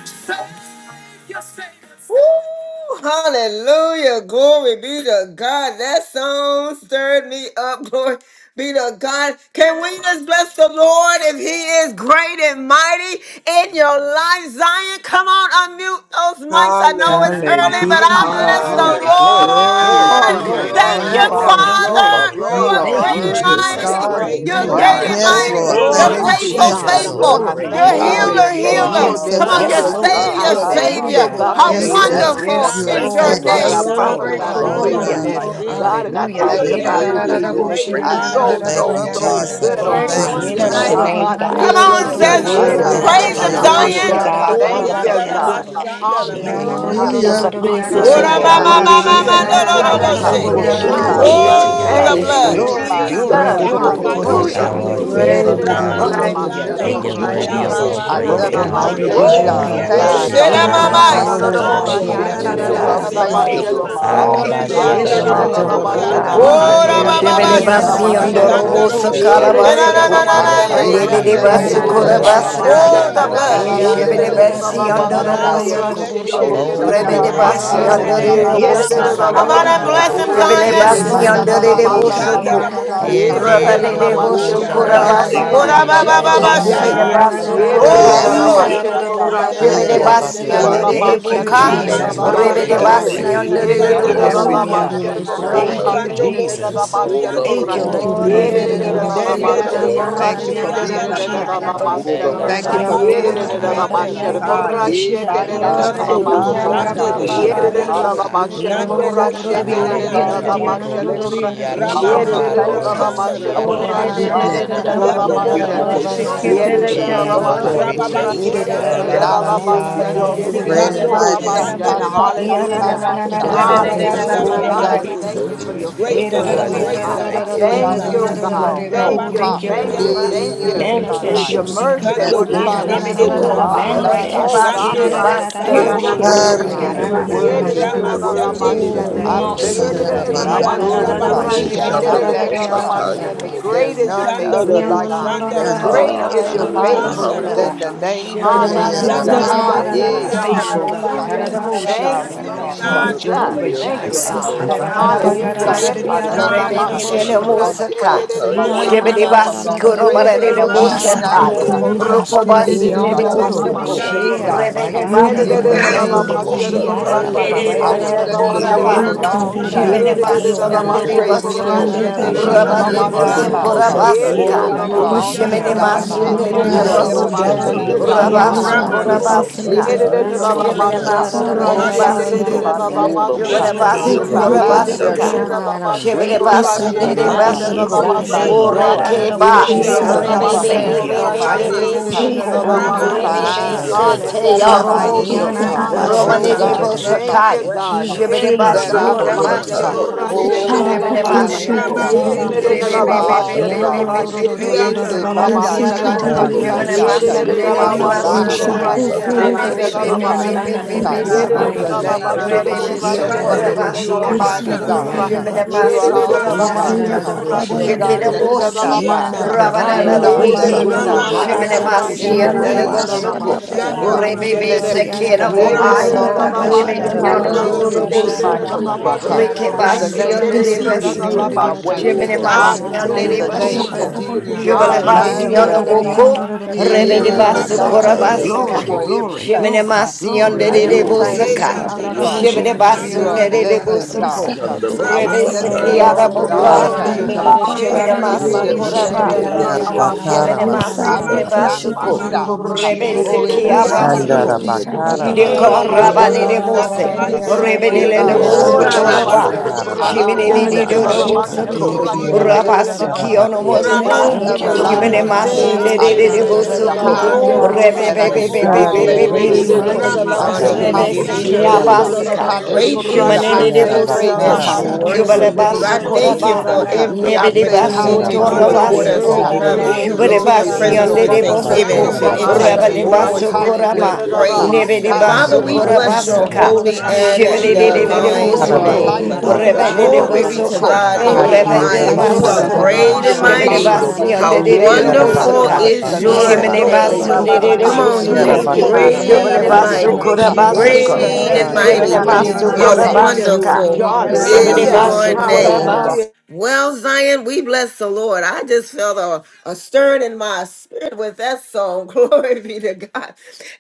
Speaker 1: Savior, Savior, Savior. Woo! Hallelujah. Glory be to God. That song stirred me up. Glory be to God. Can we just bless the Lord if He is great and mighty in your life? Zion, come on, unmute those mics. I know it's early, but I
Speaker 2: Hallelujah.
Speaker 3: Hallelujah.
Speaker 1: bless
Speaker 4: Hallelujah.
Speaker 1: the
Speaker 5: Hallelujah.
Speaker 2: Glory, glory,
Speaker 4: Darabasanda,
Speaker 3: Glory
Speaker 2: glory,
Speaker 3: to
Speaker 1: Lord.
Speaker 6: Glory,
Speaker 3: your
Speaker 2: glory,
Speaker 1: Thank
Speaker 6: glory,
Speaker 3: name,
Speaker 1: you,
Speaker 4: darabosanda.
Speaker 2: glory,
Speaker 6: glory,
Speaker 5: Thank
Speaker 3: Father.
Speaker 5: you,
Speaker 6: glory,
Speaker 5: Father
Speaker 1: Father.
Speaker 2: glory.
Speaker 1: You
Speaker 3: You
Speaker 6: glory.
Speaker 1: are
Speaker 5: God.
Speaker 3: are
Speaker 4: Grateful,
Speaker 2: Thank
Speaker 1: great
Speaker 2: you,
Speaker 1: and
Speaker 3: worthy
Speaker 5: You
Speaker 3: of
Speaker 5: are
Speaker 4: grateful,
Speaker 2: Jesus.
Speaker 6: Hallelujah,
Speaker 1: mighty.
Speaker 3: God
Speaker 5: great
Speaker 3: and
Speaker 1: You're
Speaker 3: you
Speaker 5: and
Speaker 4: grateful.
Speaker 2: Hallelujah.
Speaker 3: are
Speaker 1: great
Speaker 3: a
Speaker 6: hallelujah.
Speaker 1: and
Speaker 5: mighty.
Speaker 7: Yes,
Speaker 5: Thank
Speaker 4: Oh,
Speaker 3: faithful
Speaker 1: mighty.
Speaker 7: Lord.
Speaker 5: you,
Speaker 3: God.
Speaker 2: Thank
Speaker 1: You're
Speaker 7: Thank
Speaker 5: Lord.
Speaker 6: Glory
Speaker 2: you,
Speaker 7: you.
Speaker 6: to
Speaker 1: faithful,
Speaker 7: Thank you,
Speaker 4: Ramashianda,
Speaker 6: God.
Speaker 2: Jesus.
Speaker 3: Hallelujah.
Speaker 7: Lord.
Speaker 5: Thank
Speaker 6: Lord,
Speaker 1: faithful.
Speaker 6: I
Speaker 2: Glory,
Speaker 5: you.
Speaker 1: Your
Speaker 6: thank
Speaker 4: Ramasanda,
Speaker 6: you for
Speaker 3: Oh,
Speaker 7: Thank
Speaker 6: your
Speaker 2: glory.
Speaker 1: healer,
Speaker 7: you,
Speaker 3: you
Speaker 4: Rabashi.
Speaker 7: Lord. You
Speaker 1: healer.
Speaker 7: are
Speaker 2: Yeah.
Speaker 5: Hallelujah.
Speaker 3: are a
Speaker 6: faithfulness,
Speaker 7: so
Speaker 1: Come
Speaker 5: You
Speaker 6: oh
Speaker 1: on,
Speaker 4: I
Speaker 5: are
Speaker 2: Yes,
Speaker 1: your
Speaker 3: faithful
Speaker 6: God.
Speaker 4: will
Speaker 5: my
Speaker 2: Lord.
Speaker 7: faithful.
Speaker 3: God.
Speaker 4: bless
Speaker 6: I
Speaker 1: savior,
Speaker 4: your
Speaker 5: Jehovah
Speaker 6: thank you, oh
Speaker 1: savior.
Speaker 5: Rapha,
Speaker 2: Hallelujah.
Speaker 4: beautiful
Speaker 6: God,
Speaker 3: Hallelujah.
Speaker 5: my
Speaker 6: for
Speaker 1: How
Speaker 7: Thank
Speaker 2: Yes,
Speaker 4: name.
Speaker 7: you.
Speaker 3: Thank
Speaker 2: Lord.
Speaker 5: healer.
Speaker 3: you,
Speaker 6: deliverance.
Speaker 1: wonderful
Speaker 6: I
Speaker 7: You
Speaker 2: Yes,
Speaker 7: are
Speaker 1: is
Speaker 5: Thank
Speaker 6: thank
Speaker 3: Jesus.
Speaker 5: you
Speaker 1: your
Speaker 3: I
Speaker 6: you,
Speaker 2: Lord.
Speaker 5: for
Speaker 7: faithful,
Speaker 6: Father
Speaker 3: love
Speaker 5: being
Speaker 6: I
Speaker 1: name.
Speaker 2: Yes,
Speaker 3: you
Speaker 4: Ramasorianda,
Speaker 5: my
Speaker 6: prophesy
Speaker 2: Lord.
Speaker 8: Glory,
Speaker 3: today.
Speaker 5: healer.
Speaker 6: of
Speaker 3: I
Speaker 6: your
Speaker 7: Lord
Speaker 4: Rabashanda,
Speaker 8: glory,
Speaker 7: God
Speaker 2: Hallelujah.
Speaker 6: faithfulness,
Speaker 3: glorify
Speaker 5: Hallelujah.
Speaker 3: you
Speaker 8: glory.
Speaker 4: Rabase.
Speaker 7: Almighty.
Speaker 6: God,
Speaker 3: today.
Speaker 6: and
Speaker 3: I
Speaker 6: I
Speaker 4: For
Speaker 2: Hallelujah.
Speaker 4: your
Speaker 7: You
Speaker 2: Hey
Speaker 7: are.
Speaker 2: da
Speaker 6: testify
Speaker 3: magnify
Speaker 6: of
Speaker 2: da
Speaker 3: you
Speaker 6: your
Speaker 4: name
Speaker 2: da da
Speaker 5: Hallelujah.
Speaker 4: is
Speaker 2: da
Speaker 3: today.
Speaker 2: bo
Speaker 5: You're
Speaker 6: faithfulness.
Speaker 2: shi
Speaker 4: great.
Speaker 6: You've
Speaker 2: ya
Speaker 5: great
Speaker 8: Hayababababarabarabara.
Speaker 3: I
Speaker 6: been
Speaker 2: na
Speaker 5: and
Speaker 4: Ah,
Speaker 2: da da
Speaker 6: so,
Speaker 3: lift
Speaker 2: da
Speaker 5: mighty,
Speaker 2: da
Speaker 7: Thank
Speaker 2: ba
Speaker 3: you
Speaker 6: so,
Speaker 7: you,
Speaker 3: up,
Speaker 5: Father
Speaker 2: ya da
Speaker 4: Ramashonda,
Speaker 6: so
Speaker 2: da
Speaker 3: God.
Speaker 5: God.
Speaker 2: da
Speaker 7: Jesus.
Speaker 2: da.
Speaker 3: You
Speaker 6: good, oh
Speaker 9: name,
Speaker 3: are
Speaker 1: How
Speaker 8: Great
Speaker 3: my
Speaker 6: God.
Speaker 7: Thank
Speaker 5: Thank
Speaker 9: Jesus.
Speaker 7: you,
Speaker 8: and
Speaker 2: Hey
Speaker 3: healer.
Speaker 2: da
Speaker 1: wonderful.
Speaker 4: Rabosorianda,
Speaker 5: you.
Speaker 2: da
Speaker 9: Bless
Speaker 2: da
Speaker 9: your
Speaker 7: Jesus.
Speaker 6: Oh
Speaker 2: ba
Speaker 3: Ha.
Speaker 8: mighty.
Speaker 2: ba
Speaker 4: Rabase.
Speaker 9: name,
Speaker 2: ma
Speaker 6: God,
Speaker 2: ma
Speaker 9: God.
Speaker 2: na
Speaker 1: Come
Speaker 6: thank
Speaker 2: da
Speaker 5: Oh,
Speaker 2: da
Speaker 6: you,
Speaker 4: Your
Speaker 1: on,
Speaker 2: da da
Speaker 9: Your
Speaker 6: Jesus.
Speaker 2: bo
Speaker 3: Ishike
Speaker 5: Lord,
Speaker 2: shi
Speaker 6: Yeah,
Speaker 4: greatness
Speaker 1: Zez.
Speaker 6: da,
Speaker 2: ya
Speaker 9: words
Speaker 6: da,
Speaker 4: is
Speaker 9: and
Speaker 2: na
Speaker 7: Glory
Speaker 6: da,
Speaker 9: God,
Speaker 2: na
Speaker 6: da,
Speaker 7: to
Speaker 1: Praise
Speaker 3: mandalasa.
Speaker 2: na
Speaker 6: da,
Speaker 5: Yellow
Speaker 9: your
Speaker 1: him,
Speaker 7: your
Speaker 2: na
Speaker 6: da,
Speaker 2: da bo
Speaker 6: ba,
Speaker 5: Lobos,
Speaker 9: words
Speaker 7: name.
Speaker 3: You
Speaker 2: shi
Speaker 4: unsearchable.
Speaker 1: Zion.
Speaker 9: and
Speaker 2: ya
Speaker 3: are
Speaker 8: Hayababababarabarabarabarabashaya.
Speaker 6: shanna.
Speaker 2: da
Speaker 3: my
Speaker 2: da
Speaker 9: God,
Speaker 2: ba ba
Speaker 6: Thank
Speaker 5: Shandelobos,
Speaker 2: ba
Speaker 9: wonderful
Speaker 3: deliverer.
Speaker 2: ba
Speaker 6: you,
Speaker 4: Orianda,
Speaker 2: ya da
Speaker 3: You
Speaker 6: God.
Speaker 3: are
Speaker 2: da
Speaker 5: Satire,
Speaker 9: counselor,
Speaker 2: ba.
Speaker 3: my
Speaker 9: God
Speaker 3: way
Speaker 4: Rabashanda,
Speaker 9: is your
Speaker 3: maker.
Speaker 9: name.
Speaker 2: Glory,
Speaker 6: Hallelujah,
Speaker 3: Ha.
Speaker 4: Rabashende.
Speaker 9: There's
Speaker 7: Hallelujah.
Speaker 9: a
Speaker 6: God.
Speaker 2: glory,
Speaker 3: Oh,
Speaker 9: peace
Speaker 3: you are
Speaker 9: is your
Speaker 3: my
Speaker 5: Rule
Speaker 1: Ora
Speaker 4: Ianda,
Speaker 6: Hallelujah.
Speaker 1: ma
Speaker 9: name.
Speaker 5: Lobos,
Speaker 1: ma ma ma
Speaker 6: Hallelujah.
Speaker 4: Rabasori.
Speaker 3: mind
Speaker 1: ma no
Speaker 6: None
Speaker 1: no
Speaker 5: Yellow
Speaker 1: no
Speaker 6: like
Speaker 5: Lobos,
Speaker 3: regulator.
Speaker 1: bo
Speaker 6: you,
Speaker 3: Ha.
Speaker 6: none
Speaker 1: she.
Speaker 10: Hallelujah.
Speaker 3: You are
Speaker 5: Shandelobos,
Speaker 7: Hallelujah.
Speaker 6: beside
Speaker 3: my
Speaker 6: you.
Speaker 10: Glory
Speaker 4: Ramasorianda,
Speaker 10: to your
Speaker 3: peace.
Speaker 1: Oh,
Speaker 3: Ha.
Speaker 10: high
Speaker 1: the
Speaker 6: Thank
Speaker 10: name,
Speaker 4: a
Speaker 10: Lord
Speaker 6: you,
Speaker 3: You
Speaker 1: blood.
Speaker 3: are
Speaker 5: Satire,
Speaker 3: my
Speaker 10: Jesus.
Speaker 6: Jesus.
Speaker 4: continual
Speaker 8: Sorerererebarabarabarabashararararakararakerirererebarabara.
Speaker 6: Hallelujah.
Speaker 3: joy.
Speaker 5: Hallelujah,
Speaker 2: glory,
Speaker 4: sacrifices
Speaker 10: God,
Speaker 3: Hallelujah,
Speaker 7: Jesus.
Speaker 2: glory.
Speaker 5: hallelujah,
Speaker 4: of
Speaker 6: Yeah-da-da-da-da-da-ba-sha-da-go-ra-sha-da-da-da-da-da-ba-sha-da.
Speaker 10: thou art
Speaker 3: Jesus.
Speaker 4: praise.
Speaker 7: Jesus.
Speaker 2: Hallelujah.
Speaker 8: Great
Speaker 10: faithful,
Speaker 3: You're a
Speaker 8: and
Speaker 4: Rama
Speaker 10: God,
Speaker 3: wheel in
Speaker 8: mighty
Speaker 3: the
Speaker 2: Hallelujah.
Speaker 3: middle
Speaker 4: Sorianda
Speaker 3: of
Speaker 10: and
Speaker 3: a
Speaker 8: God.
Speaker 2: Thank
Speaker 10: you're
Speaker 2: you,
Speaker 3: wheel.
Speaker 10: worthy
Speaker 3: Huh?
Speaker 10: of
Speaker 4: Ramashande
Speaker 2: Jesus.
Speaker 10: all
Speaker 3: I
Speaker 10: praise,
Speaker 9: Great
Speaker 3: love
Speaker 2: Glory,
Speaker 9: and
Speaker 3: you
Speaker 10: God.
Speaker 2: glory.
Speaker 9: mighty
Speaker 4: Hikando
Speaker 3: today,
Speaker 9: is
Speaker 6: Yeah-da-da-da-da-da-da-ba-sha-da-go-ra-sha-da-da-da-da-da-ba-sha-da-go-ra.
Speaker 9: your
Speaker 7: Sunday,
Speaker 11: Kumanananandiriyosiyara.
Speaker 3: God.
Speaker 9: name,
Speaker 2: Hallelujah.
Speaker 10: orobo
Speaker 4: Boshanda
Speaker 3: Thank
Speaker 1: Woo!
Speaker 3: you,
Speaker 9: God.
Speaker 10: shiki
Speaker 3: God,
Speaker 1: Shera
Speaker 3: for
Speaker 9: You're
Speaker 4: Ramasete.
Speaker 3: you
Speaker 1: mama.
Speaker 3: are
Speaker 10: arabasa
Speaker 9: holy,
Speaker 11: Glory,
Speaker 8: Hayababababarabarabarabarabashaya.
Speaker 10: da
Speaker 4: I
Speaker 9: God.
Speaker 3: faithful.
Speaker 9: You're
Speaker 4: will
Speaker 3: Huh?
Speaker 4: bless the
Speaker 9: righteous,
Speaker 3: You are
Speaker 11: hallelujah.
Speaker 9: God.
Speaker 4: Lord at
Speaker 9: You're
Speaker 10: rabasi
Speaker 9: right,
Speaker 7: Sunday,
Speaker 3: faithful.
Speaker 7: Sunday,
Speaker 4: all
Speaker 3: You are my
Speaker 9: peace,
Speaker 2: Faithful,
Speaker 4: times.
Speaker 9: God.
Speaker 3: all
Speaker 11: Bless your
Speaker 3: in
Speaker 2: faithful.
Speaker 10: arabasha
Speaker 11: name,
Speaker 10: da
Speaker 3: all.
Speaker 11: O
Speaker 4: Ianda
Speaker 10: da
Speaker 2: Yes,
Speaker 9: You're
Speaker 2: you
Speaker 9: my
Speaker 10: lo
Speaker 3: Huh?
Speaker 4: Rabo
Speaker 2: are,
Speaker 11: God.
Speaker 2: Lord.
Speaker 9: deliverer,
Speaker 3: Oh,
Speaker 4: Sorianda
Speaker 9: God.
Speaker 3: God,
Speaker 2: Hallelujah.
Speaker 3: you
Speaker 1: Ora
Speaker 9: Hallelujah.
Speaker 3: are
Speaker 1: ba
Speaker 4: Ramashende.
Speaker 1: ba
Speaker 3: my
Speaker 11: Glory,
Speaker 1: ba.
Speaker 2: Yes,
Speaker 10: arabasha da
Speaker 1: Shera
Speaker 8: Horererererebarabarabarabashaya.
Speaker 3: God.
Speaker 12: Shebelebasi
Speaker 3: I
Speaker 6: Yeah-da-da-da-da-da-ba-sha-da-go-ra-sha-da-da-da-da-da-ba-sha-da.
Speaker 3: bless
Speaker 12: andorobo
Speaker 3: the
Speaker 4: Hikanda
Speaker 3: name
Speaker 4: Rabo
Speaker 11: hallelujah.
Speaker 3: of the
Speaker 7: Sunday,
Speaker 12: sakara
Speaker 10: raboshi
Speaker 3: Lord.
Speaker 8: Ore re
Speaker 1: na
Speaker 4: Sorianda
Speaker 1: na
Speaker 8: re
Speaker 12: basako.
Speaker 1: na
Speaker 8: re
Speaker 3: I
Speaker 1: na
Speaker 8: ra ra
Speaker 4: Rabashande
Speaker 1: ye.
Speaker 3: praise
Speaker 12: Nebede
Speaker 10: Urabasi,
Speaker 3: and I
Speaker 8: basaya
Speaker 7: Sunday,
Speaker 4: Rabase.
Speaker 8: ra ra
Speaker 12: basukura
Speaker 8: ra
Speaker 10: Robokura
Speaker 8: ra
Speaker 3: glorify
Speaker 11: Yidadadadadadadadadadadadiyosi.
Speaker 8: ra
Speaker 3: you.
Speaker 8: ra
Speaker 12: basaka.
Speaker 8: ra
Speaker 3: Hoshe
Speaker 4: Ianda
Speaker 8: ra
Speaker 1: Oh,
Speaker 10: Balabaya,
Speaker 6: Yeah-da-da-da-da-da-ba-sha-da-go-ra-sha-da-da-da-da-da-ba-sha-da.
Speaker 1: the
Speaker 4: Rabo
Speaker 3: kanda la
Speaker 1: blood.
Speaker 3: la
Speaker 8: basaya.
Speaker 6: Yeah,
Speaker 3: la
Speaker 10: Rabashiki,
Speaker 3: la
Speaker 4: Sorianda
Speaker 3: yesi
Speaker 12: Shebelebasi
Speaker 4: Rabase.
Speaker 3: se
Speaker 10: Robokura
Speaker 11: Yidadadadadadadadadiyosi.
Speaker 7: Sunday,
Speaker 12: andorobo
Speaker 4: I
Speaker 3: manda.
Speaker 4: will
Speaker 10: Balabasi.
Speaker 12: sako.
Speaker 4: bless
Speaker 3: Hilo
Speaker 4: your
Speaker 3: bo
Speaker 10: Oh,
Speaker 3: shanda
Speaker 4: beautiful
Speaker 3: ba
Speaker 12: Rebede
Speaker 10: glory,
Speaker 3: la la
Speaker 4: name,
Speaker 3: la
Speaker 12: basi
Speaker 4: Lord
Speaker 3: la
Speaker 8: Ore
Speaker 2: Lord.
Speaker 3: la
Speaker 4: God.
Speaker 8: re
Speaker 3: la
Speaker 10: hallelujah,
Speaker 8: re
Speaker 9: Thank
Speaker 3: la
Speaker 8: re
Speaker 3: la
Speaker 12: andorebo
Speaker 8: re
Speaker 2: Yes,
Speaker 4: Rama
Speaker 2: Lord.
Speaker 10: Grabasha,
Speaker 12: saka.
Speaker 8: basaya
Speaker 3: sata.
Speaker 1: Come
Speaker 8: ra
Speaker 1: on and
Speaker 8: ra
Speaker 4: Sorianda
Speaker 11: Heyadadadadadadadadasiyolosiyo.
Speaker 2: Hallelujah.
Speaker 1: bless him,
Speaker 4: Ramashande.
Speaker 10: Tadalabasa,
Speaker 3: Oh, he
Speaker 8: basaya
Speaker 1: Zion.
Speaker 11: You're
Speaker 2: Yes,
Speaker 8: ra
Speaker 3: came
Speaker 12: Shebelebasi
Speaker 8: ra
Speaker 2: Lord.
Speaker 3: mana
Speaker 8: ra
Speaker 11: worthy,
Speaker 3: la
Speaker 8: ra
Speaker 3: la la
Speaker 8: re
Speaker 11: God.
Speaker 3: la
Speaker 5: glory
Speaker 12: andorebo
Speaker 8: re
Speaker 2: Hallelujah.
Speaker 5: to your
Speaker 10: Tadadadadadadadabokosha.
Speaker 3: la
Speaker 8: ra
Speaker 3: la
Speaker 12: soko.
Speaker 8: ba.
Speaker 11: Hallelujah.
Speaker 3: la
Speaker 5: name,
Speaker 3: la
Speaker 5: Father
Speaker 11: You're
Speaker 5: God.
Speaker 10: Ese
Speaker 11: worthy.
Speaker 3: shanta.
Speaker 12: Rabade
Speaker 11: You're
Speaker 12: debo
Speaker 11: holy.
Speaker 3: Oh,
Speaker 11: You're
Speaker 10: Robokosha,
Speaker 3: be
Speaker 5: And
Speaker 12: sokura
Speaker 3: ba
Speaker 5: I
Speaker 8: Ore
Speaker 3: ba
Speaker 4: Hikandarabosoryandaramasandarabasha.
Speaker 11: worthy,
Speaker 3: ba
Speaker 5: thank
Speaker 8: ke
Speaker 3: ba
Speaker 12: basaka.
Speaker 8: re
Speaker 5: you,
Speaker 1: Ora
Speaker 11: God.
Speaker 8: re
Speaker 10: Tadalabasi,
Speaker 3: ba
Speaker 1: ba
Speaker 8: re
Speaker 5: I
Speaker 3: ba
Speaker 1: ba
Speaker 8: re
Speaker 1: ba
Speaker 3: la
Speaker 4: Blessed
Speaker 8: re
Speaker 1: ba
Speaker 4: be
Speaker 5: thank
Speaker 3: la la
Speaker 8: ra ra
Speaker 3: la
Speaker 1: she.
Speaker 5: you,
Speaker 8: ra
Speaker 10: Robokura
Speaker 3: la
Speaker 12: Shebede
Speaker 2: Thank
Speaker 4: God
Speaker 3: la.
Speaker 10: Basa,
Speaker 4: today.
Speaker 8: basaya
Speaker 12: basukura
Speaker 8: ke
Speaker 11: Hallelujah.
Speaker 8: re
Speaker 7: Sunday,
Speaker 3: Okay, she
Speaker 8: re re
Speaker 12: basaka.
Speaker 10: Tadalabaya.
Speaker 5: hallelujah.
Speaker 3: came
Speaker 1: Oh,
Speaker 8: re re re
Speaker 3: mana
Speaker 8: ra
Speaker 3: la
Speaker 8: ba.
Speaker 12: Shebede
Speaker 5: You are
Speaker 3: shanta.
Speaker 5: my
Speaker 12: basi
Speaker 3: Oh,
Speaker 4: Oriandaramashandarabosianda.
Speaker 5: provider. You're
Speaker 11: Hallelujah.
Speaker 12: andorebo
Speaker 5: my
Speaker 3: blessed
Speaker 2: you,
Speaker 3: be
Speaker 12: ka.
Speaker 3: the
Speaker 5: healer.
Speaker 8: Aya
Speaker 2: Jesus.
Speaker 3: name of
Speaker 8: ba
Speaker 10: Hallelujah,
Speaker 3: the
Speaker 8: ba
Speaker 5: You're
Speaker 2: Glory,
Speaker 12: Rebede
Speaker 8: ba
Speaker 5: my
Speaker 10: thank
Speaker 8: ba
Speaker 10: you,
Speaker 3: Lord.
Speaker 12: basi
Speaker 8: ra
Speaker 3: He
Speaker 11: Oh,
Speaker 5: savior.
Speaker 2: glory.
Speaker 3: she
Speaker 5: You're,
Speaker 10: Jesus.
Speaker 8: kasaya
Speaker 5: you're
Speaker 12: andorebo
Speaker 8: ra
Speaker 11: glory.
Speaker 3: shanda
Speaker 8: ra
Speaker 3: la
Speaker 8: ra ra
Speaker 12: soko.
Speaker 5: everything,
Speaker 3: sa.
Speaker 8: ra
Speaker 2: Hallelujah.
Speaker 4: Ramasoriandarabashikandarabasanda.
Speaker 8: ra
Speaker 5: Father
Speaker 8: ra
Speaker 11: Thank
Speaker 10: Bless
Speaker 11: you,
Speaker 5: God.
Speaker 8: ra
Speaker 10: your
Speaker 5: I
Speaker 8: ba.
Speaker 3: Oh,
Speaker 2: Thank
Speaker 5: love
Speaker 10: name,
Speaker 12: Rebede
Speaker 2: you,
Speaker 11: Lord.
Speaker 10: Father.
Speaker 3: hallelujah,
Speaker 2: Jesus.
Speaker 11: Shaya
Speaker 5: you.
Speaker 11: la
Speaker 5: All
Speaker 11: la
Speaker 3: Jesus.
Speaker 11: la
Speaker 10: Glory
Speaker 5: of
Speaker 11: la
Speaker 10: to
Speaker 2: Thank
Speaker 11: la
Speaker 2: you,
Speaker 10: your
Speaker 5: us,
Speaker 11: la
Speaker 5: you
Speaker 11: la
Speaker 10: name,
Speaker 3: Thank you
Speaker 11: la
Speaker 5: take
Speaker 2: Lord.
Speaker 11: la
Speaker 5: the
Speaker 8: Ore
Speaker 3: for
Speaker 4: Ikandoboshotoriandarabasi.
Speaker 10: God.
Speaker 11: la la
Speaker 8: re
Speaker 10: Be
Speaker 3: being
Speaker 5: little
Speaker 12: Shebele
Speaker 3: a
Speaker 10: thou
Speaker 8: re
Speaker 5: bit,
Speaker 11: Dios.
Speaker 12: basu
Speaker 8: re
Speaker 5: shut
Speaker 8: re
Speaker 12: kora
Speaker 5: the
Speaker 8: ra
Speaker 3: healer.
Speaker 5: little
Speaker 8: ra
Speaker 10: exalted,
Speaker 11: Shaya la la
Speaker 10: God.
Speaker 3: Thank
Speaker 12: basu
Speaker 11: la
Speaker 3: you
Speaker 8: basaya
Speaker 11: la
Speaker 3: for
Speaker 5: bit,
Speaker 11: la
Speaker 8: ra
Speaker 11: la
Speaker 8: ra
Speaker 11: la
Speaker 3: being
Speaker 8: ra
Speaker 11: la
Speaker 3: a
Speaker 8: ra
Speaker 11: la la
Speaker 8: ra
Speaker 11: la
Speaker 8: ra
Speaker 12: Shebele
Speaker 11: la
Speaker 3: deliverer.
Speaker 10: We
Speaker 4: Nendelobosotoriandaramashata.
Speaker 11: la
Speaker 5: All
Speaker 12: basu
Speaker 11: la.
Speaker 8: keshe
Speaker 5: of
Speaker 12: kora
Speaker 5: us,
Speaker 3: Thank
Speaker 8: ra
Speaker 3: you
Speaker 10: magnify
Speaker 8: ra
Speaker 5: shut
Speaker 3: for
Speaker 5: the
Speaker 10: you.
Speaker 5: little
Speaker 12: basika.
Speaker 8: ba.
Speaker 3: being
Speaker 5: bit,
Speaker 3: a
Speaker 10: I
Speaker 6: Hallelujah.
Speaker 5: shut
Speaker 10: honor
Speaker 5: the
Speaker 11: Magnify your
Speaker 3: waymaker.
Speaker 10: you.
Speaker 5: little
Speaker 12: Shebele
Speaker 4: Rabasotoriandarabasha.
Speaker 11: holy
Speaker 10: I
Speaker 3: Hi,
Speaker 5: bit.
Speaker 11: name.
Speaker 12: basu
Speaker 3: yeah,
Speaker 10: praise
Speaker 3: my
Speaker 10: thee.
Speaker 12: lele
Speaker 11: Yeah,
Speaker 10: I
Speaker 3: God,
Speaker 11: la
Speaker 8: Ore
Speaker 11: la
Speaker 3: my
Speaker 11: la
Speaker 8: ke
Speaker 11: la
Speaker 5: All
Speaker 11: la
Speaker 12: basuko.
Speaker 3: God,
Speaker 11: la
Speaker 7: Sunday,
Speaker 5: of
Speaker 10: magnify
Speaker 8: ya
Speaker 11: la
Speaker 10: you.
Speaker 3: my
Speaker 11: la
Speaker 10: I
Speaker 5: us,
Speaker 8: ba
Speaker 7: Sunday,
Speaker 11: da,
Speaker 5: you take
Speaker 8: ba
Speaker 11: da.
Speaker 8: ba
Speaker 7: Sunday,
Speaker 3: God.
Speaker 5: the little
Speaker 8: ba
Speaker 10: glorify
Speaker 8: ra
Speaker 5: bit,
Speaker 12: Shebele
Speaker 11: None
Speaker 10: thee,
Speaker 8: re
Speaker 4: Ikandoboshandarabasi.
Speaker 10: O
Speaker 8: ke
Speaker 11: like
Speaker 12: basu
Speaker 11: you,
Speaker 10: God.
Speaker 5: shut
Speaker 8: se
Speaker 5: the
Speaker 12: kora
Speaker 5: little
Speaker 8: ke
Speaker 2: Yo
Speaker 3: Hallelujah,
Speaker 2: no
Speaker 8: te
Speaker 11: Lord.
Speaker 5: bit,
Speaker 4: Nando
Speaker 2: no
Speaker 8: ra
Speaker 2: no
Speaker 4: bo
Speaker 5: shut
Speaker 8: ra
Speaker 2: no
Speaker 12: basika.
Speaker 8: ra
Speaker 3: Jesus.
Speaker 2: no
Speaker 11: Yeah,
Speaker 8: ra
Speaker 2: be,
Speaker 5: the
Speaker 11: da,
Speaker 8: ba
Speaker 5: little
Speaker 11: da,
Speaker 2: ara
Speaker 4: shatari
Speaker 3: Oh
Speaker 11: da, da,
Speaker 2: be,
Speaker 8: ha.
Speaker 3: God,
Speaker 2: ara
Speaker 5: bit.
Speaker 11: da, da,
Speaker 3: I
Speaker 10: Hallelujah.
Speaker 11: da,
Speaker 2: be,
Speaker 11: da,
Speaker 3: want
Speaker 2: ara
Speaker 3: to
Speaker 11: da,
Speaker 2: no no
Speaker 7: We
Speaker 11: da.
Speaker 3: bless
Speaker 2: be.
Speaker 3: you.
Speaker 10: Roboshi
Speaker 2: ara be,
Speaker 12: Shebele
Speaker 3: I
Speaker 2: She,
Speaker 3: want
Speaker 5: Hum the
Speaker 3: to
Speaker 4: Ramama
Speaker 11: Nobody
Speaker 2: ara da
Speaker 12: basu
Speaker 2: ba
Speaker 10: Arabakara
Speaker 3: thank
Speaker 2: ba
Speaker 12: kora
Speaker 5: bit,
Speaker 11: like you,
Speaker 2: ya.
Speaker 3: you.
Speaker 5: shut the
Speaker 4: Sotorianda
Speaker 11: Lord.
Speaker 10: Wawosi
Speaker 12: basika.
Speaker 3: I want
Speaker 11: Thank
Speaker 8: Ore
Speaker 5: little
Speaker 3: to
Speaker 11: you,
Speaker 2: Ya
Speaker 8: re
Speaker 3: give
Speaker 2: na
Speaker 5: bit,
Speaker 3: you
Speaker 4: Rabashete.
Speaker 8: re
Speaker 10: Arabasha
Speaker 2: na
Speaker 5: you
Speaker 8: re
Speaker 12: Rebe
Speaker 2: na
Speaker 10: da
Speaker 11: Jesus.
Speaker 8: re
Speaker 7: hear
Speaker 5: take.
Speaker 12: de
Speaker 3: all
Speaker 10: da
Speaker 2: na
Speaker 8: re
Speaker 10: da
Speaker 2: na
Speaker 10: da
Speaker 3: the
Speaker 2: da
Speaker 8: ra
Speaker 2: da
Speaker 8: ba
Speaker 2: ba ba
Speaker 12: de
Speaker 4: Yando
Speaker 11: Yeah,
Speaker 8: nda
Speaker 3: glory.
Speaker 11: la
Speaker 2: ya
Speaker 8: ra
Speaker 12: de
Speaker 11: la
Speaker 10: Bokosa.
Speaker 5: Get
Speaker 2: da
Speaker 8: ra
Speaker 5: the
Speaker 11: la
Speaker 12: de
Speaker 2: da
Speaker 8: ba
Speaker 11: la
Speaker 2: da
Speaker 3: For
Speaker 12: de
Speaker 4: Boshande
Speaker 11: la
Speaker 2: ba
Speaker 5: bit,
Speaker 8: se
Speaker 11: la
Speaker 3: this is
Speaker 2: ya da
Speaker 8: ke
Speaker 12: So,
Speaker 3: the
Speaker 5: you
Speaker 2: da
Speaker 5: take
Speaker 8: te
Speaker 3: day
Speaker 2: bu
Speaker 11: da.
Speaker 5: the
Speaker 8: re
Speaker 3: that
Speaker 2: she
Speaker 8: ke
Speaker 5: little
Speaker 4: Rabosoria.
Speaker 3: the
Speaker 2: ara
Speaker 8: ra
Speaker 10: Hey,
Speaker 2: da
Speaker 12: Rabade
Speaker 5: bit,
Speaker 8: ra
Speaker 2: ba
Speaker 8: ra
Speaker 3: Lord
Speaker 2: ba.
Speaker 5: shut
Speaker 12: Basu
Speaker 8: ba
Speaker 11: Yeah,
Speaker 7: about
Speaker 3: has
Speaker 10: glory,
Speaker 5: the
Speaker 11: na, na,
Speaker 4: Rababa
Speaker 11: na,
Speaker 8: se.
Speaker 5: little
Speaker 3: made.
Speaker 12: Lede
Speaker 11: na,
Speaker 2: Ye de
Speaker 10: Jesus.
Speaker 5: bit,
Speaker 11: na,
Speaker 5: shut
Speaker 11: na,
Speaker 2: de
Speaker 5: the
Speaker 11: na,
Speaker 2: da
Speaker 5: little
Speaker 11: na,
Speaker 4: Sorianda
Speaker 2: ba
Speaker 11: na,
Speaker 3: And
Speaker 5: bit.
Speaker 12: Basuko,
Speaker 2: ya
Speaker 11: na.
Speaker 2: da
Speaker 3: I
Speaker 2: da na
Speaker 3: will
Speaker 2: na na
Speaker 5: Hum
Speaker 4: Rabashande.
Speaker 2: na na
Speaker 5: the
Speaker 2: da
Speaker 10: Hallelujah.
Speaker 2: da
Speaker 3: rejoice
Speaker 2: bu
Speaker 5: bit,
Speaker 12: Jebede
Speaker 11: Glory,
Speaker 5: shut
Speaker 3: in
Speaker 2: ya
Speaker 3: it.
Speaker 7: Great
Speaker 2: da
Speaker 8: Ore
Speaker 2: da
Speaker 7: and
Speaker 4: Ikando
Speaker 8: re
Speaker 11: glory,
Speaker 12: Basu
Speaker 2: da
Speaker 8: re
Speaker 5: the
Speaker 3: Ha
Speaker 2: da
Speaker 5: little
Speaker 7: mighty
Speaker 5: bit,
Speaker 8: re
Speaker 2: ba
Speaker 8: re
Speaker 2: da
Speaker 12: Lede
Speaker 7: is
Speaker 8: ra
Speaker 2: da.
Speaker 7: he.
Speaker 8: ba
Speaker 4: Boshande
Speaker 5: you
Speaker 11: glory.
Speaker 8: se
Speaker 3: shakata
Speaker 8: re
Speaker 12: Basuko,
Speaker 5: take.
Speaker 8: re
Speaker 2: Ya
Speaker 8: re
Speaker 2: na
Speaker 11: Yeah,
Speaker 4: Rabasika.
Speaker 8: ra
Speaker 2: na
Speaker 11: na,
Speaker 8: ba
Speaker 2: na
Speaker 11: ma,
Speaker 3: kandala
Speaker 2: na
Speaker 8: sa
Speaker 2: na
Speaker 11: na
Speaker 2: da
Speaker 8: re
Speaker 11: na
Speaker 7: Great
Speaker 2: da
Speaker 11: na
Speaker 8: re
Speaker 5: Chapter
Speaker 2: da
Speaker 7: and
Speaker 3: saha.
Speaker 11: na
Speaker 8: re
Speaker 2: ba
Speaker 4: Rama
Speaker 11: da,
Speaker 8: re
Speaker 11: da,
Speaker 5: Lobo
Speaker 2: ya
Speaker 12: Jebede
Speaker 8: ra
Speaker 11: ma,
Speaker 2: da da
Speaker 8: ra
Speaker 6: Hallelujah.
Speaker 2: ba
Speaker 11: si.
Speaker 4: Sandara
Speaker 8: ba
Speaker 5: Santa,
Speaker 3: Oh
Speaker 2: ya
Speaker 12: Basu
Speaker 5: Yellow
Speaker 2: da
Speaker 6: God,
Speaker 8: sa.
Speaker 2: da.
Speaker 12: Lede
Speaker 6: we
Speaker 3: God,
Speaker 5: Lobo
Speaker 3: in the
Speaker 6: thank
Speaker 4: Rabasete.
Speaker 6: you
Speaker 12: Basuko,
Speaker 6: for
Speaker 11: lo,
Speaker 3: name
Speaker 11: lo,
Speaker 6: your
Speaker 5: Santa,
Speaker 3: of
Speaker 11: lo, lo,
Speaker 4: Great
Speaker 11: lo,
Speaker 2: Ye
Speaker 11: lo,
Speaker 2: da
Speaker 5: Yellow
Speaker 2: da
Speaker 11: lo,
Speaker 4: God,
Speaker 7: mighty.
Speaker 2: da
Speaker 3: Jesus,
Speaker 6: faithfulness,
Speaker 2: ba
Speaker 5: Lobo
Speaker 11: lo,
Speaker 6: oh
Speaker 2: ya
Speaker 11: lo,
Speaker 2: da
Speaker 4: great
Speaker 2: da
Speaker 10: Hallelujah.
Speaker 11: si.
Speaker 6: God.
Speaker 2: da
Speaker 12: Rubada
Speaker 5: Santa,
Speaker 3: I
Speaker 7: Hallelujah.
Speaker 2: da
Speaker 4: God,
Speaker 10: Thank you,
Speaker 2: da
Speaker 3: pull
Speaker 12: Basu
Speaker 5: Lobo
Speaker 2: da da
Speaker 4: great
Speaker 3: out
Speaker 2: da
Speaker 6: Thank
Speaker 2: da
Speaker 11: Ora,
Speaker 2: ba
Speaker 11: ba,
Speaker 4: God.
Speaker 2: ya
Speaker 5: Santa,
Speaker 6: you,
Speaker 11: na
Speaker 3: every
Speaker 10: Jesus.
Speaker 2: da
Speaker 11: na
Speaker 2: da
Speaker 11: na
Speaker 2: da
Speaker 6: God.
Speaker 11: na
Speaker 12: Korabasika,
Speaker 2: da
Speaker 11: na
Speaker 2: da.
Speaker 11: na na
Speaker 6: Thank
Speaker 3: stronghold.
Speaker 2: Oh,
Speaker 11: na,
Speaker 4: Rabba
Speaker 6: you.
Speaker 11: bo,
Speaker 3: Ha
Speaker 2: thank
Speaker 11: sa.
Speaker 2: you,
Speaker 6: Thank
Speaker 12: Jebede
Speaker 6: you.
Speaker 2: God.
Speaker 5: Lobo
Speaker 4: Sotoriande
Speaker 12: Basu
Speaker 6: Thank
Speaker 11: Yeah,
Speaker 6: you.
Speaker 11: na
Speaker 5: Santa,
Speaker 3: in
Speaker 11: na
Speaker 4: Rabasha.
Speaker 11: na na
Speaker 12: Lede
Speaker 3: my
Speaker 11: na
Speaker 5: Yellow
Speaker 6: It
Speaker 11: na di,
Speaker 6: is
Speaker 2: Manifest
Speaker 3: life.
Speaker 5: Lobo
Speaker 11: di,
Speaker 6: your
Speaker 11: yo,
Speaker 3: Hey,
Speaker 12: Basuko,
Speaker 2: yourself.
Speaker 11: si,
Speaker 6: mercy
Speaker 5: Santa,
Speaker 6: that
Speaker 3: that
Speaker 11: ke.
Speaker 5: Yellow
Speaker 4: Ikando
Speaker 6: will
Speaker 3: would
Speaker 2: Yeah,
Speaker 6: not
Speaker 3: try
Speaker 2: da
Speaker 5: Lobo
Speaker 3: to
Speaker 2: da
Speaker 11: Yeah,
Speaker 2: da
Speaker 11: na
Speaker 2: da
Speaker 4: Boshande
Speaker 11: na
Speaker 2: da
Speaker 6: consume,
Speaker 5: Santa,
Speaker 3: hinder.
Speaker 11: na
Speaker 2: da
Speaker 11: na
Speaker 6: oh
Speaker 12: Debedeko,
Speaker 2: da
Speaker 11: na
Speaker 6: God.
Speaker 5: Lobo
Speaker 3: Ah
Speaker 11: na
Speaker 4: Rabasi.
Speaker 11: na
Speaker 8: Ore
Speaker 11: na, da,
Speaker 3: God,
Speaker 8: re
Speaker 5: Santa,
Speaker 11: di,
Speaker 3: I
Speaker 9: you.
Speaker 6: Oh
Speaker 11: yo,
Speaker 8: re
Speaker 2: manifest.
Speaker 8: re
Speaker 12: Rekebas
Speaker 3: thank
Speaker 8: ra
Speaker 11: si,
Speaker 2: Yeah,
Speaker 11: na na
Speaker 6: God,
Speaker 8: ra
Speaker 12: in
Speaker 2: da
Speaker 4: Nande
Speaker 12: the
Speaker 2: da
Speaker 8: ba
Speaker 3: you.
Speaker 6: because
Speaker 2: da
Speaker 4: Rabo
Speaker 2: da
Speaker 6: your
Speaker 8: sa
Speaker 2: da da
Speaker 8: ya
Speaker 3: For
Speaker 8: ra
Speaker 5: yeah,
Speaker 12: Basito,
Speaker 8: ra
Speaker 3: you're
Speaker 2: bullshit.
Speaker 8: ba
Speaker 2: Yeah,
Speaker 5: Lobo
Speaker 4: Satarianda
Speaker 6: faithfulness,
Speaker 2: da
Speaker 11: na
Speaker 2: da
Speaker 6: oh
Speaker 8: sa
Speaker 2: ba
Speaker 5: Santa,
Speaker 11: ma,
Speaker 8: se
Speaker 2: ya
Speaker 6: God.
Speaker 4: Rabaki.
Speaker 3: worthy,
Speaker 8: ra
Speaker 11: da,
Speaker 2: na
Speaker 8: ra
Speaker 3: you're
Speaker 11: da,
Speaker 5: Yellow
Speaker 2: na
Speaker 9: Thank
Speaker 8: ka
Speaker 11: da,
Speaker 2: na
Speaker 12: Rebedebas
Speaker 11: da,
Speaker 2: na
Speaker 5: Lobo
Speaker 12: in
Speaker 2: na
Speaker 7: Hallelujah.
Speaker 11: bo,
Speaker 8: sa
Speaker 2: na
Speaker 3: worthy,
Speaker 12: the
Speaker 8: ra
Speaker 2: na.
Speaker 11: so.
Speaker 3: you're
Speaker 8: ba
Speaker 5: Santa,
Speaker 4: Rama
Speaker 8: ka.
Speaker 5: Lobo
Speaker 12: Basito,
Speaker 4: Sande
Speaker 3: worthy.
Speaker 11: O,
Speaker 5: Santa,
Speaker 2: Oh,
Speaker 6: Yedididididabashanda.
Speaker 11: mama
Speaker 2: you're an
Speaker 3: I
Speaker 11: na da,
Speaker 5: Yellow
Speaker 4: Raboshata.
Speaker 5: Lobo
Speaker 3: bless
Speaker 2: awesome
Speaker 3: your
Speaker 7: Iya
Speaker 12: Shebedebas
Speaker 6: Yedididididabashanda.
Speaker 11: si.
Speaker 12: in
Speaker 2: God.
Speaker 3: name.
Speaker 2: Hey, da
Speaker 3: I
Speaker 12: the
Speaker 7: baka
Speaker 2: da da
Speaker 4: Ianda
Speaker 2: da da da
Speaker 12: Basito,
Speaker 2: ba
Speaker 3: glorify
Speaker 11: Glory,
Speaker 8: Ore
Speaker 3: your
Speaker 2: shi
Speaker 8: re
Speaker 2: ya
Speaker 8: re
Speaker 2: da
Speaker 3: name.
Speaker 8: re
Speaker 2: da
Speaker 5: Santa,
Speaker 4: Rabasorianda
Speaker 3: I
Speaker 2: da
Speaker 11: hallelujah.
Speaker 8: re
Speaker 2: da
Speaker 5: Lobo
Speaker 2: ba
Speaker 8: re
Speaker 2: ya
Speaker 8: ra ba.
Speaker 4: Rabasa.
Speaker 2: da da
Speaker 3: magnify
Speaker 7: bakira
Speaker 5: Santa,
Speaker 2: ba
Speaker 11: Yeah,
Speaker 3: you.
Speaker 11: na
Speaker 2: ya
Speaker 5: Yellow
Speaker 11: na
Speaker 2: da
Speaker 7: ba
Speaker 11: na na
Speaker 2: da.
Speaker 5: Lobo
Speaker 12: Rebebebebebebe
Speaker 11: na
Speaker 3: There's
Speaker 6: Great
Speaker 5: Santa.
Speaker 6: is your
Speaker 11: Dios,
Speaker 3: none
Speaker 12: Saka,
Speaker 11: yeah, na
Speaker 3: other
Speaker 2: Ya
Speaker 11: na
Speaker 4: Ikandarabo
Speaker 2: no
Speaker 6: faithfulness,
Speaker 11: na
Speaker 3: like
Speaker 2: no
Speaker 11: na
Speaker 2: no
Speaker 11: na
Speaker 3: you.
Speaker 2: no no no
Speaker 3: There's
Speaker 4: shandaraba
Speaker 2: no
Speaker 11: Dios.
Speaker 7: anda
Speaker 2: no
Speaker 12: Shebedebas
Speaker 3: no
Speaker 2: ba
Speaker 6: Great
Speaker 2: ya
Speaker 3: other
Speaker 12: in
Speaker 2: da
Speaker 12: the
Speaker 6: is
Speaker 2: da
Speaker 7: baka
Speaker 3: name
Speaker 6: your
Speaker 2: da da da
Speaker 5: Hallelujah,
Speaker 2: da
Speaker 3: higher
Speaker 2: da da
Speaker 6: faithfulness,
Speaker 11: Hallelujah.
Speaker 2: da
Speaker 6: O
Speaker 2: da.
Speaker 12: Lobosoko,
Speaker 3: than the
Speaker 6: God.
Speaker 5: hallelujah,
Speaker 11: Yeah, na
Speaker 4: andarabasete
Speaker 11: na
Speaker 3: name
Speaker 2: Ya
Speaker 11: na
Speaker 8: Ore
Speaker 3: of
Speaker 11: na
Speaker 2: na
Speaker 8: re
Speaker 11: na
Speaker 2: na
Speaker 8: re
Speaker 2: na
Speaker 7: iya
Speaker 3: Jesus.
Speaker 8: re
Speaker 11: na
Speaker 2: na
Speaker 13: Yes,
Speaker 11: na
Speaker 12: Shebedebas in
Speaker 2: na
Speaker 6: Hallelujah!
Speaker 13: Yes,
Speaker 8: re
Speaker 5: Shandalabosata,
Speaker 2: na
Speaker 8: ra ba.
Speaker 12: the
Speaker 2: na
Speaker 11: Dios,
Speaker 7: baka
Speaker 3: Hi,
Speaker 2: da
Speaker 4: yandarabo
Speaker 2: da
Speaker 11: yeah,
Speaker 2: da
Speaker 11: na na
Speaker 3: yeah,
Speaker 4: sori
Speaker 2: da.
Speaker 13: Baba
Speaker 12: Basaka,
Speaker 11: na.
Speaker 6: Hallelujah!
Speaker 8: Ora
Speaker 3: God.
Speaker 8: ra
Speaker 2: Faithful
Speaker 8: ra ba
Speaker 3: If
Speaker 2: God.
Speaker 3: I
Speaker 4: andarabashe.
Speaker 2: Ha
Speaker 8: sa
Speaker 6: Hallelujah!
Speaker 2: da
Speaker 3: had
Speaker 2: da
Speaker 8: ya ra
Speaker 2: bo
Speaker 11: Hallelujah.
Speaker 12: Shebedebas
Speaker 8: ra
Speaker 2: shi
Speaker 12: in
Speaker 8: ba
Speaker 2: ya
Speaker 6: Thank
Speaker 2: da
Speaker 11: Yeah,
Speaker 12: the
Speaker 8: sa
Speaker 3: 10,000
Speaker 2: da
Speaker 11: na
Speaker 2: ba
Speaker 4: Blessed
Speaker 8: ya
Speaker 6: you,
Speaker 11: na
Speaker 4: be
Speaker 8: ra
Speaker 2: ya.
Speaker 11: na
Speaker 3: tongues,
Speaker 11: na
Speaker 8: ra
Speaker 3: I
Speaker 8: ba.
Speaker 4: God.
Speaker 12: Basoko,
Speaker 3: couldn't
Speaker 11: Dios,
Speaker 6: Jesus.
Speaker 11: yeah,
Speaker 2: Jehovah
Speaker 11: na
Speaker 5: Hallelujah,
Speaker 11: na
Speaker 3: praise
Speaker 6: Thank
Speaker 11: na
Speaker 2: Jireh.
Speaker 6: you,
Speaker 11: na
Speaker 5: thank
Speaker 3: you
Speaker 11: na.
Speaker 5: you,
Speaker 6: God.
Speaker 11: na.
Speaker 3: enough.
Speaker 2: Ha
Speaker 12: Shibeleku
Speaker 3: huh?
Speaker 2: da
Speaker 5: Lord,
Speaker 2: da da da ba
Speaker 11: Glory,
Speaker 3: Oh,
Speaker 2: ya da
Speaker 6: Hallelujah!
Speaker 3: God,
Speaker 2: da da
Speaker 12: Rabasikaya
Speaker 2: da ba
Speaker 4: Blessed
Speaker 5: hallelujah.
Speaker 11: hallelujah.
Speaker 3: I
Speaker 4: be
Speaker 2: ya da
Speaker 11: Yeah,
Speaker 3: thank
Speaker 2: na
Speaker 11: na
Speaker 2: na
Speaker 3: you.
Speaker 4: God.
Speaker 2: na
Speaker 11: na
Speaker 2: da
Speaker 3: huh?
Speaker 11: na na
Speaker 2: bo
Speaker 11: na
Speaker 2: shi
Speaker 12: Rebenene
Speaker 11: na
Speaker 2: ya
Speaker 3: I'm
Speaker 11: na.
Speaker 2: da
Speaker 3: going to
Speaker 2: da.
Speaker 12: Mosaka
Speaker 3: praise you
Speaker 11: We
Speaker 3: in my
Speaker 2: Ya
Speaker 11: bless
Speaker 2: na
Speaker 11: your
Speaker 2: na
Speaker 3: waking
Speaker 2: na
Speaker 3: up.
Speaker 11: name,
Speaker 2: na
Speaker 4: Yandarabasu
Speaker 6: Yedidadababashadukorashedidididadabashana.
Speaker 3: I'm
Speaker 2: da da
Speaker 3: going
Speaker 5: Shandalabosata,
Speaker 3: to
Speaker 2: da da
Speaker 12: Shibelibasikuro
Speaker 2: ba ya
Speaker 3: praise
Speaker 11: Jesus.
Speaker 3: you
Speaker 2: da
Speaker 3: in
Speaker 2: da
Speaker 3: my
Speaker 12: Barele
Speaker 2: bo
Speaker 8: Ora ra
Speaker 2: shi
Speaker 8: re
Speaker 11: Thank
Speaker 3: lying
Speaker 2: ya
Speaker 4: ramasori
Speaker 8: re
Speaker 11: you,
Speaker 2: da
Speaker 8: re
Speaker 2: na
Speaker 11: Lord.
Speaker 3: down.
Speaker 8: ra
Speaker 12: Mosataya
Speaker 2: na
Speaker 8: ba
Speaker 3: huh?
Speaker 2: ba
Speaker 5: Yellow,
Speaker 2: ya.
Speaker 11: Ando
Speaker 3: I'm
Speaker 4: andarabash.
Speaker 11: se
Speaker 3: going to praise
Speaker 11: quiere de de
Speaker 12: Rukabasi
Speaker 3: you
Speaker 11: de
Speaker 3: as
Speaker 2: Ya
Speaker 7: koko
Speaker 4: Oh
Speaker 3: I
Speaker 12: Nere
Speaker 2: no
Speaker 3: go
Speaker 11: Dios.
Speaker 2: do do
Speaker 4: blessed
Speaker 3: through
Speaker 4: be
Speaker 2: bo
Speaker 3: the
Speaker 12: Mosako
Speaker 3: day,
Speaker 2: shi
Speaker 4: God.
Speaker 11: Yeah,
Speaker 2: ya
Speaker 6: Yedididadababashadukorashedidididadabashadukora.
Speaker 11: na
Speaker 3: God.
Speaker 2: da
Speaker 11: na
Speaker 2: ba
Speaker 11: na
Speaker 3: Huh
Speaker 11: na
Speaker 12: Rebene
Speaker 11: na na
Speaker 2: ya
Speaker 11: na
Speaker 2: na
Speaker 11: na
Speaker 2: no
Speaker 7: iya
Speaker 3: in
Speaker 11: na.
Speaker 2: bo
Speaker 3: the
Speaker 2: no no
Speaker 3: name
Speaker 2: do bo
Speaker 3: of
Speaker 4: Yandarabo
Speaker 12: Basika
Speaker 2: shi ya
Speaker 4: sori
Speaker 11: Oh,
Speaker 2: da
Speaker 11: ma
Speaker 3: Jesus.
Speaker 2: da ba
Speaker 11: na
Speaker 2: ba
Speaker 11: na
Speaker 2: ba
Speaker 12: Nere
Speaker 11: na
Speaker 3: I
Speaker 2: ya
Speaker 4: andarabash.
Speaker 11: na
Speaker 8: Ora
Speaker 3: will
Speaker 11: na
Speaker 2: da
Speaker 8: Ra
Speaker 2: da
Speaker 11: na
Speaker 2: da
Speaker 11: na.
Speaker 3: bless
Speaker 8: ra
Speaker 12: Mosako
Speaker 3: the
Speaker 2: bo
Speaker 11: na.
Speaker 2: shi
Speaker 12: Raba
Speaker 3: Lord
Speaker 2: ya
Speaker 3: at
Speaker 2: na
Speaker 6: Yedididadababashadukorashedidididadabashadukora.
Speaker 2: na na.
Speaker 3: all
Speaker 11: Ye na na na
Speaker 3: times,
Speaker 11: na
Speaker 12: Shemene
Speaker 11: na
Speaker 3: huh,
Speaker 11: di o
Speaker 4: Ramasandarabashe.
Speaker 11: di
Speaker 3: and
Speaker 12: Masia
Speaker 11: di
Speaker 3: his
Speaker 11: o
Speaker 12: Nere
Speaker 11: si.
Speaker 3: praise shall
Speaker 12: Basako
Speaker 11: Ko na ma
Speaker 3: continually
Speaker 11: na
Speaker 4: Yandarabo
Speaker 11: na
Speaker 12: Raba
Speaker 11: di
Speaker 12: de
Speaker 3: be
Speaker 11: di o
Speaker 3: in
Speaker 4: sori
Speaker 11: do
Speaker 3: my
Speaker 11: do do
Speaker 6: Yedididadabashadukorashedidididadabashana.
Speaker 11: do
Speaker 2: Yorororobobobobyanararabashyanananana.
Speaker 12: Bosako
Speaker 3: mouth.
Speaker 11: do
Speaker 4: andarabash.
Speaker 3: huh.
Speaker 11: bo si.
Speaker 6: Hallelujah,
Speaker 3: Oh,
Speaker 12: Rabasaka
Speaker 3: you
Speaker 11: Ye
Speaker 3: are
Speaker 11: na na
Speaker 3: awesome,
Speaker 11: na
Speaker 12: Shemene
Speaker 11: na na
Speaker 3: God.
Speaker 11: na na
Speaker 12: Masu
Speaker 3: huh.
Speaker 11: na na na
Speaker 4: Yandarabasori
Speaker 12: Nere
Speaker 11: di
Speaker 3: You are
Speaker 11: di o si.
Speaker 4: andarabash.
Speaker 12: Basako
Speaker 7: anda
Speaker 3: everlasting,
Speaker 11: I
Speaker 7: baka
Speaker 3: God.
Speaker 11: kon do
Speaker 3: huh.
Speaker 11: do do do
Speaker 12: Rabasako
Speaker 11: bo
Speaker 3: You're
Speaker 2: Yadadabashiyadadabamamanararobobyaroboshiyararababa.
Speaker 11: si
Speaker 3: my
Speaker 11: ya
Speaker 4: Ramasete.
Speaker 11: na na
Speaker 3: wheel
Speaker 11: na
Speaker 12: Rabasaka
Speaker 3: in
Speaker 11: na.
Speaker 3: the middle of a wheel.
Speaker 11: Ye
Speaker 9: you.
Speaker 12: Shemene
Speaker 7: anda
Speaker 11: na na
Speaker 3: huh.
Speaker 11: na na
Speaker 4: Yandarabo
Speaker 12: Masu
Speaker 11: na na
Speaker 3: Oh,
Speaker 12: Nere
Speaker 11: na na na
Speaker 3: God,
Speaker 11: di
Speaker 3: you
Speaker 11: o
Speaker 3: are
Speaker 12: Basako
Speaker 3: my
Speaker 11: si ya.
Speaker 3: blessing.
Speaker 4: Bless
Speaker 3: huh.
Speaker 11: O
Speaker 4: the
Speaker 11: ma na na
Speaker 3: You are
Speaker 12: Yobarabasu
Speaker 4: Lord
Speaker 11: na
Speaker 4: at
Speaker 3: my
Speaker 2: Yanononorodobayaradabayaradabayaradabayaradabushyanananana.
Speaker 11: na di o
Speaker 4: all
Speaker 3: mind
Speaker 4: times.
Speaker 11: si.
Speaker 12: korabasaka.
Speaker 3: regulator. huh.
Speaker 2: Yananana.
Speaker 3: You
Speaker 2: Great
Speaker 3: are my
Speaker 11: Ko
Speaker 12: Sheberebasu
Speaker 11: na
Speaker 8: ra
Speaker 3: peace.
Speaker 11: na
Speaker 2: and
Speaker 11: na
Speaker 13: Baba Baba
Speaker 4: Yandarabasa.
Speaker 11: na di
Speaker 3: huh.
Speaker 11: di
Speaker 2: mighty
Speaker 11: o
Speaker 2: is
Speaker 12: lerebasuko.
Speaker 4: Your
Speaker 3: You
Speaker 11: si
Speaker 2: thy
Speaker 11: o
Speaker 3: are
Speaker 11: do
Speaker 3: my
Speaker 13: Baba
Speaker 11: do do
Speaker 2: name.
Speaker 11: do
Speaker 4: praises,
Speaker 11: do
Speaker 2: da
Speaker 4: O
Speaker 11: do
Speaker 3: joy.
Speaker 11: bo
Speaker 4: God,
Speaker 3: huh.
Speaker 7: dia
Speaker 2: da
Speaker 11: si.
Speaker 2: bo
Speaker 12: Orekeba.
Speaker 3: You
Speaker 2: shi, Hadadadabushi,
Speaker 4: shall
Speaker 3: know
Speaker 13: Esa
Speaker 3: the
Speaker 11: Ye na
Speaker 2: da
Speaker 11: na
Speaker 3: number
Speaker 13: baba
Speaker 3: of
Speaker 11: na na
Speaker 4: continually
Speaker 11: na
Speaker 13: ba
Speaker 4: be
Speaker 11: na
Speaker 3: hairs
Speaker 11: na
Speaker 2: Savior.
Speaker 4: in
Speaker 3: on
Speaker 11: na
Speaker 3: my
Speaker 2: da
Speaker 4: my
Speaker 11: na
Speaker 2: da da da
Speaker 11: di
Speaker 2: bo bo
Speaker 11: o
Speaker 12: Rebebebebebebe
Speaker 4: mouth.
Speaker 2: bo
Speaker 3: head.
Speaker 2: bo
Speaker 3: huh.
Speaker 2: shi, shi,
Speaker 11: si.
Speaker 2: na
Speaker 12: soko.
Speaker 13: reba
Speaker 3: Oh, you are
Speaker 13: raba
Speaker 3: my
Speaker 11: O ma
Speaker 12: Rebebe
Speaker 11: na
Speaker 3: eyes.
Speaker 11: na na
Speaker 7: anda
Speaker 3: Huh.
Speaker 4: Ramasandarabasha.
Speaker 11: di
Speaker 12: sete
Speaker 11: o
Speaker 7: anda
Speaker 3: You are
Speaker 11: so to
Speaker 3: my
Speaker 11: na
Speaker 13: raba
Speaker 11: na ba
Speaker 12: yaroboso.
Speaker 3: ears,
Speaker 2: na
Speaker 6: hallelujah,
Speaker 11: sa.
Speaker 13: bukuru
Speaker 3: huh?
Speaker 2: na
Speaker 4: Eke
Speaker 2: na ba.
Speaker 13: basha
Speaker 3: Oh
Speaker 6: hallelujah.
Speaker 2: bo
Speaker 13: kara.
Speaker 2: ja
Speaker 3: God,
Speaker 12: Romanedibo
Speaker 2: da
Speaker 3: you are
Speaker 2: da.
Speaker 3: my
Speaker 6: Thank you,
Speaker 12: sakaya.
Speaker 3: breath
Speaker 4: Ramasiandarabasu.
Speaker 2: King of
Speaker 3: huh?
Speaker 11: Korabasatararobo,
Speaker 2: kings,
Speaker 3: that
Speaker 12: Sheberebasu
Speaker 3: I
Speaker 5: Andalo
Speaker 2: Lord of
Speaker 3: breathe,
Speaker 5: Bosata,
Speaker 2: lords.
Speaker 3: huh?
Speaker 11: You
Speaker 12: korabasuko.
Speaker 5: Yellow
Speaker 11: worthy to
Speaker 4: Ramasatariandarabasu.
Speaker 2: Ha-ka-da-bo-shi,
Speaker 11: be
Speaker 5: Robosita,
Speaker 13: Itara
Speaker 3: Oh,
Speaker 6: God.
Speaker 11: praised,
Speaker 5: Yellow
Speaker 2: ya-da-da-ba-ba-ba,
Speaker 13: bukushu
Speaker 11: Lord.
Speaker 12: Sheberebasuko.
Speaker 3: hallelujah,
Speaker 2: ya-da-da-da-ba,
Speaker 13: kiri
Speaker 6: Yeah,
Speaker 3: huh?
Speaker 5: Robosita, Yellow
Speaker 2: ya-da-da-ba.
Speaker 4: Ramasete
Speaker 3: You are
Speaker 13: bukusha
Speaker 11: Yerere
Speaker 3: my
Speaker 13: baba.
Speaker 3: all in
Speaker 4: yandarabasu.
Speaker 5: Roboshanda
Speaker 3: all. huh?
Speaker 11: sorororororobo.
Speaker 5: Robosata,
Speaker 12: Rebebebebebebebebe
Speaker 3: It's a
Speaker 2: Ya-na-na-do-do-do-do-do-do-do-ba,
Speaker 11: You
Speaker 12: soko.
Speaker 2: ya-da-da-ba,
Speaker 3: mana
Speaker 13: Ese
Speaker 11: worthy to
Speaker 13: kiri
Speaker 11: be
Speaker 2: ya-na-na-da-da-da,
Speaker 3: shanta
Speaker 5: Andalo
Speaker 7: anda
Speaker 4: Yandarabasoriandarabasha.
Speaker 11: praised,
Speaker 12: Shemene
Speaker 2: ya-da-da-ba,
Speaker 13: bukushu
Speaker 3: tanda.
Speaker 2: shi,
Speaker 5: Bosita,
Speaker 3: huh?
Speaker 2: ya
Speaker 13: kiri.
Speaker 2: da
Speaker 11: Lord.
Speaker 2: da
Speaker 3: You are
Speaker 5: Yellow
Speaker 4: Oh,
Speaker 12: masunere
Speaker 3: my
Speaker 12: de
Speaker 4: yes, Lord.
Speaker 5: Robosanda
Speaker 3: provider,
Speaker 12: basoko.
Speaker 2: shi,
Speaker 13: Esa
Speaker 2: ya
Speaker 3: huh?
Speaker 2: da
Speaker 11: Yerararararorobo
Speaker 2: da
Speaker 5: Robosata,
Speaker 13: bukuru
Speaker 3: Oh,
Speaker 12: Rebebe
Speaker 5: Yellow
Speaker 11: sota.
Speaker 13: basha.
Speaker 3: you are
Speaker 12: bebe
Speaker 3: my
Speaker 11: You
Speaker 5: Robosita,
Speaker 12: bebe
Speaker 3: peace.
Speaker 11: worthy,
Speaker 3: huh?
Speaker 12: bebe
Speaker 13: Uru
Speaker 2: Yanananananana,
Speaker 11: Lord.
Speaker 13: baba
Speaker 11: You
Speaker 3: In
Speaker 12: soko.
Speaker 7: baka
Speaker 3: the
Speaker 2: Mighty
Speaker 13: baba
Speaker 4: Ramasiandarabasoriandarabasha.
Speaker 13: baba
Speaker 3: name
Speaker 11: worthy,
Speaker 2: God.
Speaker 5: Shanda
Speaker 3: of
Speaker 11: Lord.
Speaker 12: Rebebe
Speaker 13: bukushu
Speaker 3: Jesus,
Speaker 13: kiri.
Speaker 12: soko
Speaker 3: huh?
Speaker 5: Robosata, Yellow
Speaker 4: Ikandorobo
Speaker 3: you
Speaker 2: Yarararabushi,
Speaker 3: are
Speaker 12: rabasaka.
Speaker 5: Robos,
Speaker 13: Esa
Speaker 11: So
Speaker 3: mighty
Speaker 4: Sorianda
Speaker 2: yararababa,
Speaker 3: God.
Speaker 11: worthy,
Speaker 4: Rabasha.
Speaker 13: bukuru
Speaker 3: huh?
Speaker 12: Shemene
Speaker 11: Lord.
Speaker 13: basha.
Speaker 2: yararababa.
Speaker 3: You are
Speaker 12: masoko
Speaker 5: Ura
Speaker 11: So
Speaker 4: Ramama
Speaker 3: awesome
Speaker 5: Bosita,
Speaker 11: worthy,
Speaker 3: God.
Speaker 13: Mira
Speaker 12: rabasaka.
Speaker 3: huh?
Speaker 11: Lord.
Speaker 5: Yellow
Speaker 13: baba
Speaker 3: You
Speaker 2: Yarararabushi,
Speaker 3: are
Speaker 4: Sandarabase.
Speaker 13: baba
Speaker 3: God
Speaker 5: Roboshanda
Speaker 2: yananana.
Speaker 3: that
Speaker 13: bukuru
Speaker 5: Robosita,
Speaker 13: basha.
Speaker 3: cannot
Speaker 12: Shikinabosi,
Speaker 3: lie.
Speaker 11: So
Speaker 4: Ianda
Speaker 2: Yanana,
Speaker 3: huh? You
Speaker 11: worthy,
Speaker 3: are
Speaker 2: Provide
Speaker 4: Rabaso.
Speaker 2: a
Speaker 13: Mikro
Speaker 3: God
Speaker 8: ba
Speaker 2: way
Speaker 11: Lord.
Speaker 3: that
Speaker 8: ra
Speaker 11: So
Speaker 12: Rabadalabosa,
Speaker 13: kiri
Speaker 8: ra
Speaker 3: will
Speaker 2: maker.
Speaker 8: se
Speaker 3: not
Speaker 4: Rama
Speaker 13: bukushu.
Speaker 5: Yellow
Speaker 8: se
Speaker 11: worthy,
Speaker 3: lie.
Speaker 8: ke re
Speaker 11: Lord.
Speaker 3: huh?
Speaker 8: re
Speaker 5: Bosita,
Speaker 4: Satande
Speaker 8: re
Speaker 4: de
Speaker 8: ra
Speaker 3: in
Speaker 2: Harararabushi,
Speaker 8: ra
Speaker 12: Shiminamasi,
Speaker 5: Yellow
Speaker 3: the
Speaker 12: and
Speaker 8: ra
Speaker 13: Uru
Speaker 8: ba
Speaker 12: the
Speaker 4: Robosa.
Speaker 3: name
Speaker 2: yararababa.
Speaker 8: se
Speaker 3: of
Speaker 13: basha
Speaker 8: re
Speaker 5: Roboshanda
Speaker 8: re
Speaker 12: Bosuku,
Speaker 8: re
Speaker 13: baba
Speaker 8: ra
Speaker 5: Robosita,
Speaker 13: baba.
Speaker 8: ra
Speaker 3: Jesus.
Speaker 4: Yanda
Speaker 8: ba.
Speaker 12: Rebebe
Speaker 4: Rabasha.
Speaker 2: Yonononononoba,
Speaker 3: Blessed be the
Speaker 12: Sekina
Speaker 2: yararaba,
Speaker 11: None
Speaker 4: At
Speaker 3: name
Speaker 11: like
Speaker 3: of
Speaker 11: you,
Speaker 3: the
Speaker 12: Mohai,
Speaker 4: all
Speaker 7: anda
Speaker 13: Esa
Speaker 8: Ora
Speaker 11: Lord.
Speaker 3: Lord.
Speaker 8: ra
Speaker 4: times.
Speaker 2: yararararaba,
Speaker 13: baba
Speaker 3: Ha-
Speaker 8: ra
Speaker 2: shi,
Speaker 8: ra
Speaker 13: baba
Speaker 8: ra
Speaker 11: None
Speaker 8: ra
Speaker 2: yararaba,
Speaker 8: ba
Speaker 4: At
Speaker 12: Rebekiano
Speaker 5: Ura
Speaker 13: bukushu.
Speaker 4: all
Speaker 8: se
Speaker 3: Hallelujah.
Speaker 4: times.
Speaker 8: ya ra
Speaker 5: Bosita,
Speaker 2: nanonobushi,
Speaker 3: You're
Speaker 8: ra ra
Speaker 3: my
Speaker 5: Yellow
Speaker 8: ba
Speaker 12: Dolobosoto,
Speaker 4: In
Speaker 8: se
Speaker 2: yararababa,
Speaker 3: keeper.
Speaker 11: like
Speaker 8: ke
Speaker 2: ya.
Speaker 11: you,
Speaker 4: every
Speaker 3: Ha.
Speaker 8: ya
Speaker 5: Robosanda
Speaker 8: ra ra
Speaker 11: Lord.
Speaker 3: In
Speaker 8: ba.
Speaker 3: the
Speaker 4: situation,
Speaker 11: None
Speaker 12: Rekebasi
Speaker 4: in
Speaker 3: name
Speaker 11: like
Speaker 12: under
Speaker 3: of
Speaker 4: every
Speaker 5: Robosata,
Speaker 11: you,
Speaker 12: the
Speaker 13: Esa
Speaker 11: Lord.
Speaker 3: Jesus,
Speaker 2: Shishodanonorobushi,
Speaker 3: you're
Speaker 12: Besuto,
Speaker 13: bukuru
Speaker 4: circumstance,
Speaker 2: oradabi,
Speaker 3: my
Speaker 13: basha.
Speaker 2: yararaba,
Speaker 5: Ura
Speaker 3: waymaker.
Speaker 2: yararaba,
Speaker 3: Ha.
Speaker 4: I
Speaker 12: Shiminamasi
Speaker 4: will
Speaker 5: Bosita,
Speaker 12: under
Speaker 3: In
Speaker 4: bless
Speaker 6: Hallelujah,
Speaker 12: the
Speaker 3: the
Speaker 5: Yellow
Speaker 4: the
Speaker 2: yananananaba,
Speaker 13: Yera
Speaker 3: name
Speaker 2: shi,
Speaker 13: ba
Speaker 4: Lord.
Speaker 3: of
Speaker 6: Jesus.
Speaker 5: Robosanda
Speaker 12: Bosuko,
Speaker 13: ba
Speaker 2: yararaba.
Speaker 13: ba
Speaker 3: Jesus,
Speaker 11: Oh,
Speaker 13: ba
Speaker 3: you're
Speaker 5: Robosita,
Speaker 4: Orianda
Speaker 3: my
Speaker 8: Ere
Speaker 13: kosha
Speaker 8: ke
Speaker 13: to.
Speaker 11: manana,
Speaker 8: re
Speaker 3: mind
Speaker 12: Shibalabasi
Speaker 4: Rabasi.
Speaker 8: ra
Speaker 12: on
Speaker 6: Hallelujah.
Speaker 12: the
Speaker 8: ra ra ra ra
Speaker 3: regulator.
Speaker 12: Boko,
Speaker 8: ba se
Speaker 5: Shandala
Speaker 8: ka ta
Speaker 4: Yanda
Speaker 8: ra
Speaker 13: Yera
Speaker 8: ra
Speaker 3: Hey,
Speaker 13: ba
Speaker 12: Rebedebasu
Speaker 13: ba
Speaker 8: ke
Speaker 2: Yididibiyadadabiyanadadabiyanadadabiyanadadada.
Speaker 8: re
Speaker 3: God,
Speaker 4: Rabasande
Speaker 13: ba
Speaker 8: re
Speaker 13: ba
Speaker 3: ha.
Speaker 4: de
Speaker 8: re
Speaker 13: ba
Speaker 8: ra
Speaker 11: so
Speaker 12: Korabasaka,
Speaker 8: ra
Speaker 13: kosha.
Speaker 3: you
Speaker 2: Glory,
Speaker 3: are
Speaker 8: ba.
Speaker 11: he
Speaker 4: Robosoria.
Speaker 2: glory,
Speaker 3: everything.
Speaker 2: glory,
Speaker 3: Ha.
Speaker 12: Shiminamasi
Speaker 11: Glory
Speaker 3: You
Speaker 12: under
Speaker 3: are
Speaker 2: glory,
Speaker 13: Yukara
Speaker 12: the
Speaker 13: ba
Speaker 2: glory.
Speaker 3: everything
Speaker 2: He
Speaker 13: kosha
Speaker 4: Hey,
Speaker 2: da
Speaker 3: to
Speaker 12: Bosaka,
Speaker 13: ba koshe ba
Speaker 11: Hamananariosi.
Speaker 2: da
Speaker 13: ba
Speaker 4: Yanda
Speaker 3: me,
Speaker 2: da da
Speaker 13: ba
Speaker 2: bo
Speaker 13: ba
Speaker 2: shi
Speaker 3: Father.
Speaker 2: da
Speaker 4: Rabashi
Speaker 2: da da bi
Speaker 13: kosha.
Speaker 11: Ikereri
Speaker 2: da
Speaker 3: You
Speaker 12: Shibidabasu
Speaker 3: are a
Speaker 2: da da bi
Speaker 12: Nede
Speaker 2: da da
Speaker 4: Kandarabosata.
Speaker 3: blessing,
Speaker 2: bi
Speaker 3: God.
Speaker 2: da.
Speaker 13: Yusa
Speaker 12: Bosuko,
Speaker 13: ba
Speaker 3: Ha.
Speaker 13: ba
Speaker 11: Ororororororobosata.
Speaker 3: I
Speaker 2: You
Speaker 3: will
Speaker 2: no
Speaker 13: kosha
Speaker 2: no
Speaker 3: bless
Speaker 13: ba
Speaker 2: no
Speaker 13: ba.
Speaker 3: the
Speaker 2: no
Speaker 8: Ra
Speaker 2: no
Speaker 8: ra
Speaker 4: Ramasianda
Speaker 2: no
Speaker 8: la
Speaker 3: Lord
Speaker 2: da
Speaker 12: Rebesekiada
Speaker 11: Yebekereri
Speaker 2: da
Speaker 3: at
Speaker 8: man
Speaker 2: da
Speaker 8: da
Speaker 2: da
Speaker 3: all
Speaker 8: ra
Speaker 7: Bakara
Speaker 12: Boka,
Speaker 8: ra
Speaker 2: da
Speaker 6: Glory
Speaker 8: re
Speaker 2: da da
Speaker 6: to
Speaker 4: Ramashende
Speaker 13: Ara
Speaker 8: ke
Speaker 3: times.
Speaker 2: da
Speaker 7: bakara
Speaker 8: re
Speaker 3: Ha.
Speaker 2: da
Speaker 13: ba
Speaker 6: God.
Speaker 8: re
Speaker 2: bi
Speaker 13: ba
Speaker 11: Orororororobosi.
Speaker 2: da
Speaker 8: ke
Speaker 13: ba
Speaker 3: Your
Speaker 8: ra
Speaker 2: da.
Speaker 8: ra
Speaker 12: Shemenemasu
Speaker 13: ba
Speaker 8: ra
Speaker 13: ba
Speaker 11: O
Speaker 6: Hallelujah.
Speaker 8: ra
Speaker 13: ba
Speaker 3: praise
Speaker 8: ba
Speaker 3: shall
Speaker 4: Esande
Speaker 2: He
Speaker 13: kosha
Speaker 8: se
Speaker 2: sha
Speaker 6: Yeah,
Speaker 8: re
Speaker 2: da
Speaker 12: koraba.
Speaker 8: re
Speaker 2: da
Speaker 3: continually
Speaker 8: ra
Speaker 13: kere.
Speaker 2: da
Speaker 8: ra
Speaker 2: ba
Speaker 3: be in
Speaker 7: yara
Speaker 2: ya
Speaker 8: ba.
Speaker 4: Yandorobosia
Speaker 2: da
Speaker 3: my
Speaker 2: da da
Speaker 3: mouth.
Speaker 2: ya
Speaker 7: bakara
Speaker 3: Ha.
Speaker 2: na
Speaker 11: Mananananananandiriosi.
Speaker 2: na na na
Speaker 12: shemenemasu
Speaker 13: Yusa
Speaker 3: I
Speaker 2: na
Speaker 13: ba
Speaker 2: na.
Speaker 3: will
Speaker 7: bakara
Speaker 3: not
Speaker 4: Ramasanda
Speaker 13: kosha
Speaker 3: be
Speaker 2: O
Speaker 12: nebasuko.
Speaker 2: do do
Speaker 13: kere.
Speaker 2: do bo
Speaker 3: silent. Ha.
Speaker 4: Rabashande
Speaker 2: shi da
Speaker 12: Rebe
Speaker 2: da
Speaker 3: Oh,
Speaker 2: bi da
Speaker 3: in
Speaker 12: seke
Speaker 2: da
Speaker 3: the
Speaker 2: bi da
Speaker 11: Ikonananananandiriosi.
Speaker 2: na
Speaker 13: Yusa
Speaker 4: Yanda
Speaker 3: name
Speaker 2: no
Speaker 13: ba
Speaker 3: of
Speaker 2: bo
Speaker 7: kandara
Speaker 12: abasuko.
Speaker 2: shi
Speaker 4: Rabasa
Speaker 2: da
Speaker 13: kosha ba
Speaker 2: da
Speaker 3: Jesus,
Speaker 2: da.
Speaker 7: bakara
Speaker 13: ba
Speaker 3: uh,
Speaker 12: Shide
Speaker 13: ba
Speaker 8: Ra
Speaker 13: ba
Speaker 4: a
Speaker 7: bakara
Speaker 8: ba
Speaker 13: ba.
Speaker 8: ba
Speaker 3: you are
Speaker 8: ba
Speaker 2: Na
Speaker 1: yeah.
Speaker 12: koraba
Speaker 11: Koramananananariosi.
Speaker 2: na
Speaker 12: ne
Speaker 8: ba
Speaker 4: continual
Speaker 2: na
Speaker 12: de
Speaker 3: worthy,
Speaker 8: ra
Speaker 2: na
Speaker 8: ra
Speaker 2: da
Speaker 8: ra
Speaker 2: da
Speaker 8: ra
Speaker 3: Lord.
Speaker 2: da
Speaker 12: mose.
Speaker 2: da
Speaker 8: ba
Speaker 2: bi
Speaker 4: sacrifice
Speaker 2: da
Speaker 3: Uh,
Speaker 8: se
Speaker 2: da
Speaker 11: Yididididi,
Speaker 4: of
Speaker 13: Yusa
Speaker 2: da
Speaker 8: ke
Speaker 12: Rebe
Speaker 8: re
Speaker 2: bi
Speaker 13: ba
Speaker 12: ne
Speaker 3: Oh,
Speaker 11: higher
Speaker 8: re
Speaker 2: da
Speaker 12: le
Speaker 2: da
Speaker 4: praise
Speaker 8: ke
Speaker 12: de
Speaker 2: da
Speaker 8: ra
Speaker 3: God,
Speaker 11: you,
Speaker 3: I
Speaker 8: ra
Speaker 7: yara
Speaker 13: kosha
Speaker 2: Oh,
Speaker 8: ra
Speaker 1: Oh,
Speaker 12: boso
Speaker 2: we
Speaker 13: ba
Speaker 8: ra
Speaker 13: ba.
Speaker 8: ra
Speaker 11: Lord,
Speaker 3: bless
Speaker 2: trust
Speaker 7: bakara
Speaker 3: you.
Speaker 8: ba
Speaker 2: you,
Speaker 12: toraba.
Speaker 3: Uh,
Speaker 1: Rabasa.
Speaker 11: higher
Speaker 2: God.
Speaker 7: bakara
Speaker 3: I
Speaker 4: Ramasianda
Speaker 11: you.
Speaker 3: honor
Speaker 12: Shimene
Speaker 7: bakara
Speaker 2: Oh,
Speaker 12: ne
Speaker 3: you
Speaker 4: Ramasa
Speaker 2: we
Speaker 13: Ara
Speaker 12: de
Speaker 7: ba
Speaker 12: de
Speaker 13: ba
Speaker 12: de
Speaker 13: ba
Speaker 2: trust
Speaker 3: today,
Speaker 2: you,
Speaker 3: uh,
Speaker 2: God.
Speaker 4: for
Speaker 13: kere
Speaker 2: He
Speaker 4: the
Speaker 12: bosoko.
Speaker 2: da
Speaker 13: ba
Speaker 3: for
Speaker 2: da
Speaker 11: Yidididididididi,
Speaker 2: bi da
Speaker 4: Lord
Speaker 3: you
Speaker 2: da
Speaker 3: are
Speaker 11: us,
Speaker 13: shere.
Speaker 7: yara
Speaker 2: da da
Speaker 4: is
Speaker 2: da da
Speaker 3: worthy.
Speaker 4: God
Speaker 2: da
Speaker 7: bakara
Speaker 12: Rabasuki
Speaker 11: higher
Speaker 2: da
Speaker 12: ono
Speaker 2: bi.
Speaker 7: bakara
Speaker 11: you,
Speaker 3: There's
Speaker 11: Lord,
Speaker 3: none
Speaker 13: Yusa
Speaker 12: mosakai.
Speaker 1: Thank
Speaker 2: Thank
Speaker 1: you,
Speaker 11: in
Speaker 2: you,
Speaker 3: other
Speaker 13: ba
Speaker 11: our
Speaker 8: Ora
Speaker 3: like
Speaker 8: ra
Speaker 4: Ramasianda
Speaker 2: Father.
Speaker 8: ra
Speaker 12: Shimene
Speaker 1: Father.
Speaker 13: shere
Speaker 11: need.
Speaker 8: ra
Speaker 2: Ha
Speaker 13: re
Speaker 2: da
Speaker 8: ra
Speaker 3: you. Uh,
Speaker 13: re.
Speaker 2: da
Speaker 12: maso
Speaker 2: da
Speaker 8: ba
Speaker 1: Thank
Speaker 8: ra
Speaker 12: ne
Speaker 2: bo
Speaker 8: ra
Speaker 1: you,
Speaker 3: I
Speaker 12: de
Speaker 8: ra
Speaker 2: shi
Speaker 4: Rabashanda
Speaker 12: de
Speaker 11: Uma
Speaker 12: de
Speaker 3: lift
Speaker 8: ke
Speaker 11: na
Speaker 2: da
Speaker 3: you
Speaker 11: na
Speaker 2: da
Speaker 1: Father.
Speaker 8: ke
Speaker 11: na
Speaker 2: da
Speaker 3: to
Speaker 11: na
Speaker 2: bi
Speaker 8: re
Speaker 3: the
Speaker 11: na
Speaker 2: da
Speaker 4: and
Speaker 8: re
Speaker 11: na
Speaker 2: da
Speaker 12: bosoko.
Speaker 11: na.
Speaker 2: da
Speaker 8: re
Speaker 4: I
Speaker 2: bi
Speaker 8: ra
Speaker 13: Yukara
Speaker 2: da
Speaker 3: highest,
Speaker 4: will
Speaker 8: ra
Speaker 1: Oh,
Speaker 13: ba
Speaker 2: na
Speaker 3: uh,
Speaker 8: ra
Speaker 2: na
Speaker 1: Lord,
Speaker 2: na
Speaker 8: ba.
Speaker 1: we
Speaker 12: Rebe
Speaker 2: da
Speaker 4: bless
Speaker 3: and
Speaker 13: kosha
Speaker 12: be
Speaker 3: I
Speaker 4: your
Speaker 2: da.
Speaker 12: be
Speaker 3: give
Speaker 1: bless
Speaker 12: be
Speaker 13: kere.
Speaker 3: you
Speaker 1: you.
Speaker 4: holy
Speaker 12: be
Speaker 1: We
Speaker 7: har
Speaker 12: be
Speaker 3: all
Speaker 1: bless
Speaker 12: be
Speaker 4: name
Speaker 7: yara
Speaker 1: you.
Speaker 12: be
Speaker 2: Great
Speaker 1: We
Speaker 3: glory.
Speaker 5: Ura
Speaker 2: and
Speaker 7: bakara
Speaker 3: Uh,
Speaker 1: thank
Speaker 12: suko.
Speaker 11: Shikididididididididididididi,
Speaker 1: you.
Speaker 2: mighty
Speaker 1: We
Speaker 2: is
Speaker 5: basita
Speaker 3: I
Speaker 11: us.
Speaker 2: thy
Speaker 1: honor
Speaker 3: say
Speaker 7: bakara
Speaker 13: Yusa
Speaker 5: yanga
Speaker 1: you.
Speaker 13: ba
Speaker 1: We
Speaker 12: Rebe
Speaker 2: name.
Speaker 1: give
Speaker 7: bakara
Speaker 1: you
Speaker 13: kosha
Speaker 11: Una
Speaker 3: hallelujah.
Speaker 4: Ramasotandianda
Speaker 12: seke
Speaker 11: na
Speaker 7: ba
Speaker 5: babashanda
Speaker 11: na
Speaker 13: kere
Speaker 11: na
Speaker 13: re
Speaker 3: Uh,
Speaker 1: praise.
Speaker 11: na
Speaker 4: Ramash
Speaker 11: na
Speaker 13: re.
Speaker 11: na
Speaker 12: abasaka.
Speaker 11: di,
Speaker 5: babasakaya
Speaker 1: Great
Speaker 3: Hallelujah is the
Speaker 1: is
Speaker 11: ororororidi,
Speaker 5: babasha.
Speaker 1: your
Speaker 11: us.
Speaker 4: Yanda
Speaker 12: Shumanene
Speaker 7: yara
Speaker 3: highest praise.
Speaker 7: bakara
Speaker 12: Bosoko,
Speaker 1: faithfulness,
Speaker 3: Uh,
Speaker 11: Kuma
Speaker 2: Ishana
Speaker 4: Ramasande
Speaker 11: na na
Speaker 7: bakara
Speaker 1: Lord.
Speaker 3: In
Speaker 11: na
Speaker 3: the
Speaker 11: na
Speaker 7: bakara
Speaker 11: na
Speaker 5: Ura
Speaker 11: na
Speaker 3: name
Speaker 11: na
Speaker 12: Shubalabaso
Speaker 1: God,
Speaker 11: na
Speaker 7: ba
Speaker 3: of
Speaker 4: Ikando
Speaker 5: basita
Speaker 11: di,
Speaker 1: thank you
Speaker 11: us.
Speaker 12: Koraba,
Speaker 5: yanga
Speaker 8: Ora
Speaker 1: for
Speaker 3: Jesus,
Speaker 8: ra
Speaker 4: Boshanda
Speaker 3: uh,
Speaker 8: re
Speaker 1: every
Speaker 8: ke
Speaker 3: I
Speaker 5: babashanda
Speaker 11: Una
Speaker 8: re
Speaker 3: say
Speaker 11: na na
Speaker 8: re
Speaker 1: opportunity
Speaker 11: na
Speaker 13: Yes,
Speaker 12: Nebedebaso
Speaker 7: kandara
Speaker 8: re
Speaker 11: na na
Speaker 1: that
Speaker 2: Yananana,
Speaker 8: ra
Speaker 1: you
Speaker 11: na na
Speaker 8: ra
Speaker 7: bakara
Speaker 3: hallelujah
Speaker 11: na
Speaker 4: Nondo
Speaker 8: ra
Speaker 11: na
Speaker 8: re
Speaker 2: worthy,
Speaker 1: afford
Speaker 4: bo
Speaker 11: na
Speaker 8: ke
Speaker 1: us
Speaker 3: today.
Speaker 11: di,
Speaker 1: to
Speaker 8: ra
Speaker 12: Torabasako,
Speaker 3: Uh,
Speaker 8: ra
Speaker 2: worthy,
Speaker 8: ra
Speaker 5: kaya
Speaker 7: ba
Speaker 11: us.
Speaker 1: come
Speaker 8: ra ba
Speaker 3: Oh,
Speaker 4: sotorianda
Speaker 8: se
Speaker 2: worthy is
Speaker 1: into
Speaker 8: ko
Speaker 2: thy
Speaker 1: your
Speaker 3: glory
Speaker 8: ra
Speaker 5: babasita.
Speaker 8: ra
Speaker 3: to
Speaker 11: Uma
Speaker 4: rabashata.
Speaker 6: Thank
Speaker 8: ra
Speaker 2: name.
Speaker 11: na
Speaker 1: presence
Speaker 3: your
Speaker 8: ra
Speaker 11: na
Speaker 12: Shubalabasiande
Speaker 8: ra
Speaker 1: with
Speaker 12: de
Speaker 7: yara
Speaker 8: ba.
Speaker 3: most
Speaker 11: di, us,
Speaker 5: Shanda
Speaker 1: thanksgiving
Speaker 3: precious
Speaker 1: and
Speaker 7: bakara
Speaker 12: Bosoko,
Speaker 4: Yandara
Speaker 1: to
Speaker 3: name.
Speaker 1: enter
Speaker 3: uh,
Speaker 7: bakara
Speaker 2: Yadadadadabush,
Speaker 1: into
Speaker 7: bakara
Speaker 5: babasakaya
Speaker 1: your
Speaker 11: kutarororobos.
Speaker 7: ba
Speaker 4: rabasete
Speaker 3: Oh,
Speaker 2: yadadadaba,
Speaker 12: Rabadebaso
Speaker 1: courts
Speaker 4: yandara ba.
Speaker 5: babasita
Speaker 1: with
Speaker 11: He
Speaker 12: Koraba,
Speaker 2: yadadadabush,
Speaker 5: yanga
Speaker 3: hallelujah.
Speaker 1: praise.
Speaker 2: yadadadaba.
Speaker 11: konanario
Speaker 5: babashanda
Speaker 4: Yanda
Speaker 1: Father,
Speaker 12: Nebedebaso
Speaker 11: siolo
Speaker 1: we
Speaker 3: Hallelujah,
Speaker 7: kandara
Speaker 5: babasha.
Speaker 8: Ora
Speaker 4: rabas.
Speaker 1: bless
Speaker 8: re
Speaker 7: bakara
Speaker 13: I
Speaker 1: your
Speaker 3: Jesus.
Speaker 8: ke
Speaker 11: sikanana.
Speaker 13: book
Speaker 8: re
Speaker 12: Korabasaka,
Speaker 2: Yananadadadaba,
Speaker 8: ra
Speaker 1: holy
Speaker 13: Christian.
Speaker 8: ba.
Speaker 7: bakara
Speaker 3: You're
Speaker 11: He
Speaker 1: and
Speaker 2: yadadabush,
Speaker 12: Shibede
Speaker 5: Yanga
Speaker 3: worthy.
Speaker 2: yadadaba,
Speaker 12: de
Speaker 11: ololololo
Speaker 1: divine
Speaker 4: Ramasoriande.
Speaker 6: you,
Speaker 5: babasita
Speaker 8: Oh,
Speaker 4: de.
Speaker 3: You
Speaker 7: ba bakara
Speaker 3: are
Speaker 6: God.
Speaker 5: yanga
Speaker 11: siolo
Speaker 12: Bosoko,
Speaker 7: bakara
Speaker 2: yananadadadaba,
Speaker 3: light
Speaker 13: Oh,
Speaker 1: name.
Speaker 3: to a
Speaker 13: Baba
Speaker 11: sienedios.
Speaker 2: yadadabush,
Speaker 5: babashanda
Speaker 12: Rebede
Speaker 3: dying
Speaker 12: de
Speaker 7: bakara
Speaker 13: Baba
Speaker 4: Yanda
Speaker 1: Glory
Speaker 2: yadadaba,
Speaker 1: be
Speaker 3: world.
Speaker 4: rabas.
Speaker 1: to
Speaker 13: Bukushe.
Speaker 11: He
Speaker 12: Bosoko,
Speaker 1: God
Speaker 2: yadadadaba.
Speaker 5: babasakaya
Speaker 4: Andara
Speaker 11: kona
Speaker 6: Thank
Speaker 1: in
Speaker 6: you,
Speaker 1: the
Speaker 5: babasha.
Speaker 11: holy
Speaker 7: Akira
Speaker 6: Father.
Speaker 12: Rebede
Speaker 3: Halasata.
Speaker 4: rabosoria.
Speaker 1: highest. You
Speaker 6: You
Speaker 1: are
Speaker 11: hanadio
Speaker 7: bakara
Speaker 13: Yes, I
Speaker 12: Masako,
Speaker 2: Yanadadadadaba,
Speaker 11: si.
Speaker 1: great and
Speaker 4: Yandara
Speaker 13: Bukushe
Speaker 7: bakaraba.
Speaker 3: You're
Speaker 2: yadadadaba,
Speaker 12: Shibede
Speaker 3: light
Speaker 5: Yanga
Speaker 1: mighty.
Speaker 11: Holy
Speaker 13: Bikuri.
Speaker 3: in
Speaker 11: oi
Speaker 3: a
Speaker 4: rabosoria.
Speaker 1: How
Speaker 12: Basiande
Speaker 11: Lord,
Speaker 5: babasita
Speaker 3: dark
Speaker 12: de
Speaker 11: holy,
Speaker 5: yanga
Speaker 7: Ikira
Speaker 3: place.
Speaker 2: shiyanananananana.
Speaker 11: holy.
Speaker 4: Yanda
Speaker 1: wonderful
Speaker 12: Bosaka,
Speaker 7: bakara
Speaker 3: In
Speaker 5: babashanda
Speaker 1: is
Speaker 4: rabas.
Speaker 3: the name
Speaker 13: Yes,
Speaker 6: are
Speaker 1: your
Speaker 11: Holy,
Speaker 13: I
Speaker 7: bakaraba.
Speaker 5: babasha.
Speaker 12: Shimene
Speaker 3: of
Speaker 6: so
Speaker 11: holy,
Speaker 13: Baba
Speaker 3: Jesus.
Speaker 1: name.
Speaker 13: Baba
Speaker 4: Robo
Speaker 6: faithful,
Speaker 11: holy
Speaker 12: Masunde
Speaker 11: oi
Speaker 6: God.
Speaker 12: de
Speaker 1: Come
Speaker 2: Yodadadadadadadabush,
Speaker 13: Bukushe.
Speaker 11: Lord.
Speaker 1: on,
Speaker 3: You
Speaker 7: Ikira
Speaker 3: are
Speaker 2: yadadadaba,
Speaker 4: sotorianda
Speaker 12: Bosoko,
Speaker 1: he's
Speaker 6: Thank you
Speaker 5: Yanga
Speaker 6: for
Speaker 2: yadadaba,
Speaker 3: hope
Speaker 11: Holy,
Speaker 4: rabash.
Speaker 6: your
Speaker 7: bakara
Speaker 3: in
Speaker 11: holy,
Speaker 5: babasita
Speaker 1: great and
Speaker 7: bakara
Speaker 2: yananadadaba,
Speaker 6: faithfulness,
Speaker 5: yanga
Speaker 12: Shubalabaso
Speaker 11: holy.
Speaker 6: God.
Speaker 1: mighty.
Speaker 3: hopelessness.
Speaker 2: yadadaba,
Speaker 7: bakaraba.
Speaker 13: Ukuru
Speaker 4: Eke
Speaker 5: babashanda
Speaker 6: Oh,
Speaker 3: In
Speaker 6: you've
Speaker 2: shiyadadaba,
Speaker 4: yanda
Speaker 13: Basha
Speaker 12: Korabasako.
Speaker 3: the
Speaker 6: been
Speaker 1: Great
Speaker 13: Baba
Speaker 1: and
Speaker 2: yadadaba.
Speaker 6: faithful
Speaker 3: name
Speaker 11: Yedidididididio.
Speaker 4: rabosoria.
Speaker 13: Baba
Speaker 6: to
Speaker 5: babasakaya
Speaker 7: Akara
Speaker 12: Jimene
Speaker 1: mighty.
Speaker 13: Baba
Speaker 3: of
Speaker 6: me,
Speaker 11: Great
Speaker 12: Master
Speaker 11: and
Speaker 6: Jesus.
Speaker 13: Bukushe.
Speaker 1: How
Speaker 3: Jesus.
Speaker 4: Yes,
Speaker 7: bahaba.
Speaker 6: Thank
Speaker 11: mighty
Speaker 4: Lord
Speaker 6: you.
Speaker 4: God.
Speaker 11: oi
Speaker 3: You are
Speaker 12: Korabasaka.
Speaker 1: wonderful
Speaker 11: Lord.
Speaker 3: joy
Speaker 13: Yes,
Speaker 3: in the
Speaker 1: is
Speaker 4: Ramas
Speaker 12: Jimene
Speaker 5: babasha.
Speaker 11: Holy
Speaker 6: Hallelujah.
Speaker 3: midst
Speaker 11: oi
Speaker 1: your
Speaker 12: Master
Speaker 3: of
Speaker 4: yanda
Speaker 11: Lord.
Speaker 1: name.
Speaker 2: Thank
Speaker 3: sorrow.
Speaker 12: Korabas.
Speaker 6: Hallelujah.
Speaker 1: Well, Zion, we bless the Lord. I just felt a, a stirring in my spirit with that song. Glory be to God.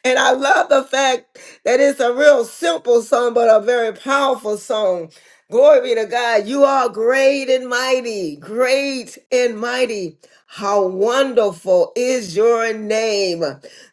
Speaker 1: And I love the fact that it's a real simple song, but a very powerful song. Glory be to God. You are great and mighty, great and mighty. How wonderful is your name.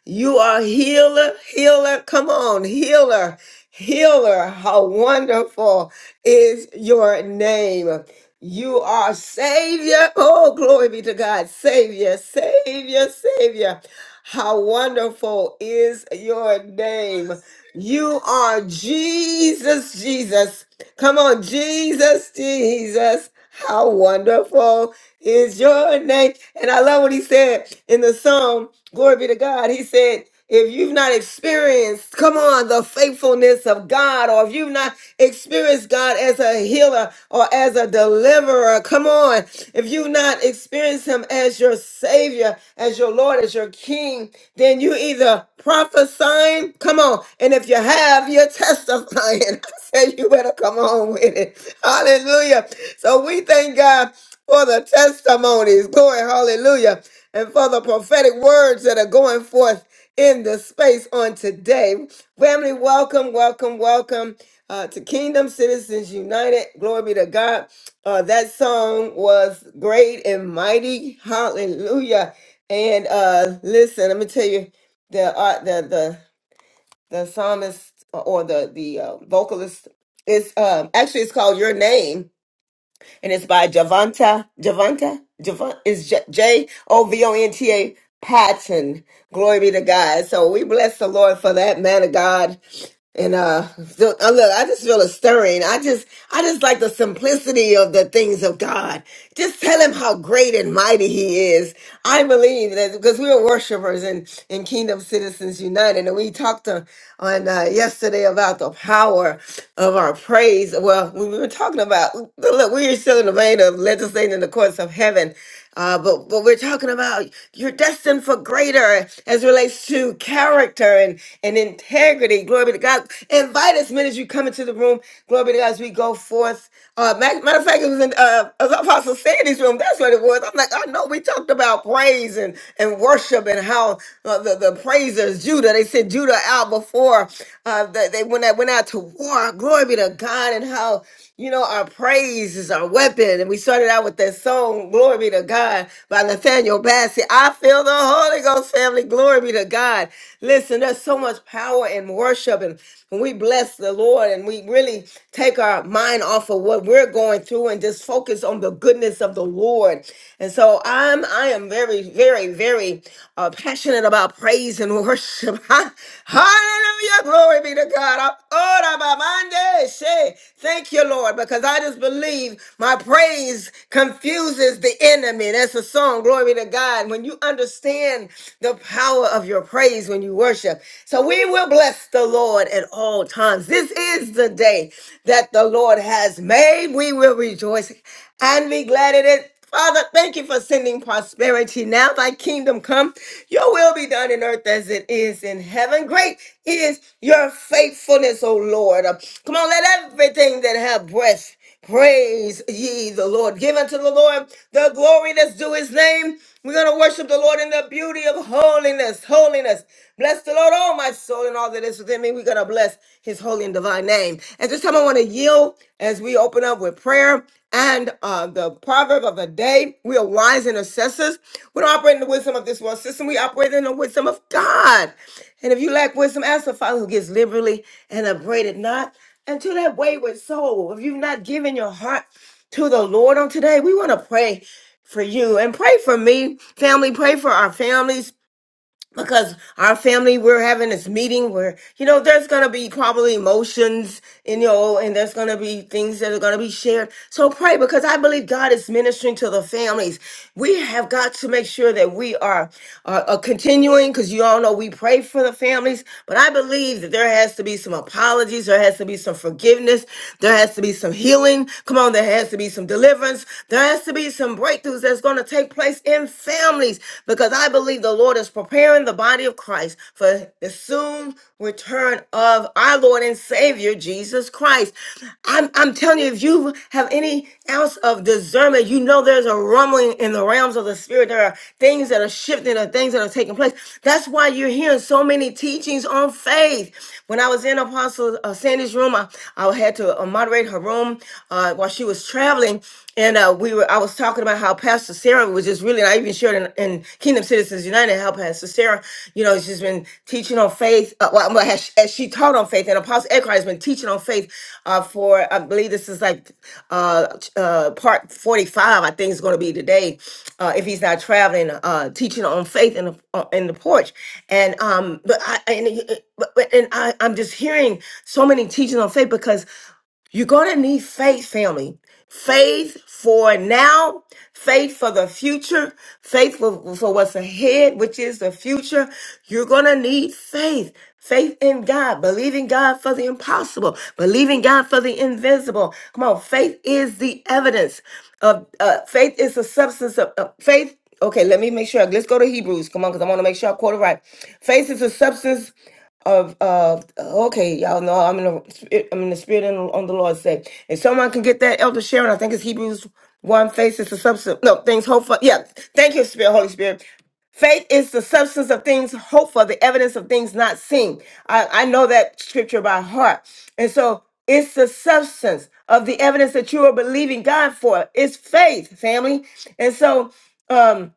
Speaker 1: You are healer, healer. Come on, healer, healer. How wonderful is your name. You are Savior. Oh, glory be to God. Savior, Savior, Savior. How wonderful is your name. You are Jesus, Jesus. Come on, Jesus, Jesus. How wonderful is your name. And I love what he said in the song, Glory be to God. He said, if you've not experienced, come on, the faithfulness of God, or if you've not Experience God as a healer or as a deliverer. Come on. If you not experience him as your savior, as your Lord, as your king, then you either prophesying, come on. And if you have, you're testifying. I said you better come on with it. Hallelujah. So we thank God for the testimonies. Glory, hallelujah. And for the prophetic words that are going forth in the space on today. Family, welcome, welcome, welcome uh, to Kingdom Citizens United. Glory be to God. Uh, that song was great and mighty. Hallelujah. And uh, listen, let me tell you, the uh, the the the psalmist uh, or the the uh, vocalist is um, actually it's called Your Name, and it's by Javonta Javonta Javon is J O V O N T A Patton. Glory be to God. So we bless the Lord for that man of God and uh, so, uh, look, I just feel a stirring. I just, I just like the simplicity of the things of God. Just tell Him how great and mighty He is. I believe that because we are worshipers and in Kingdom Citizens United, and we talked to, on uh, yesterday about the power of our praise. Well, we were talking about look, we are still in the vein of legislating in the courts of heaven. Uh, but but we're talking about you're destined for greater as it relates to character and, and integrity. Glory be to God. Invite us, men, as you come into the room. Glory be to God as we go forth. Uh, ma- matter of fact, it was in uh, it was Apostle Sandy's room. That's what it was. I'm like, I know we talked about praise and, and worship and how uh, the, the praisers, Judah, they sent Judah out before uh, they, they went, out, went out to war. Glory be to God and how you know, our praise is our weapon. And we started out with that song, Glory be to God, by Nathaniel Bassey. I feel the Holy Ghost, family. Glory be to God. Listen, there's so much power in worship. And when we bless the Lord and we really take our mind off of what we're going through and just focus on the goodness of the Lord. And so I'm I am very, very, very uh, passionate about praise and worship. Hallelujah. Glory be to God. Mande, she. Thank you, Lord, because I just believe my praise confuses the enemy. That's a song, glory to God. When you understand the power of your praise when you worship. So we will bless the Lord at all times. This is the day that the Lord has made. We will rejoice and be glad in it. Father, thank you for sending prosperity. Now thy kingdom come, your will be done in earth as it is in heaven. Great is your faithfulness, O Lord. Come on, let everything that have breath praise ye the Lord. Give unto the Lord the glory that's due his name. We're going to worship the Lord in the beauty of holiness. Holiness. Bless the Lord, all my soul, and all that is within me. We're going to bless his holy and divine name. At this time, I want to yield as we open up with prayer and uh, the proverb of the day. We are wise intercessors. We don't operate in the wisdom of this world system. We operate in the wisdom of God. And if you lack wisdom, ask the Father who gives liberally and upbraided not. And to that wayward soul, if you've not given your heart to the Lord on today, we want to pray for you and pray for me family pray for our families because our family we're having this meeting where you know there's going to be probably emotions and you know and there's going to be things that are going to be shared so pray because i believe god is ministering to the families we have got to make sure that we are uh, uh, continuing because you all know we pray for the families but i believe that there's there has to be some apologies. There has to be some forgiveness. There has to be some healing. Come on, there has to be some deliverance. There has to be some breakthroughs that's going to take place in families because I believe the Lord is preparing the body of Christ for the soon return of our Lord and Savior, Jesus Christ. I'm, I'm telling you, if you have any ounce of discernment, you know there's a rumbling in the realms of the spirit. There are things that are shifting or things that are taking place. That's why you're hearing so many teachings on faith. When I was in Apostle uh, Sandy's room, I, I had to uh, moderate her room uh, while she was traveling. And uh, we were, I was talking about how Pastor Sarah was just really, and I even shared in, in Kingdom Citizens. Citizens United help Pastor Sarah. You know, she's been teaching on faith. Uh, well, well, has, as she taught on faith, and Apostle Eckhart has been teaching on faith uh, for, I believe this is like uh, uh, part 45, I think it's going to be today, uh, if he's not traveling, uh, teaching on faith in the, uh, in the porch. And um, but I and, uh, but- but- and I, I'm just hearing so many teachings on faith because you're going to need faith, family. Faith for now, faith for the future, faith for, for what's ahead, which is the future. You're going to need faith. Faith in God, believing God for the impossible, believing God for the invisible. Come on, faith is the evidence of uh, faith is the substance of of- faith. Okay, let me make sure. Let's go to Hebrews. Come on, because I want to make sure I quote it right. Faith is the substance of uh okay y'all know i'm in the spirit- i'm in the spirit and on the lord's sake if someone can get that elder sharon i think it's hebrews one faith is the substance no things hope for yeah thank you spirit holy spirit faith is the substance of things hoped for the evidence of things not seen i i know that scripture by heart and so it's the substance of the evidence that you are believing god for it's faith family and so um,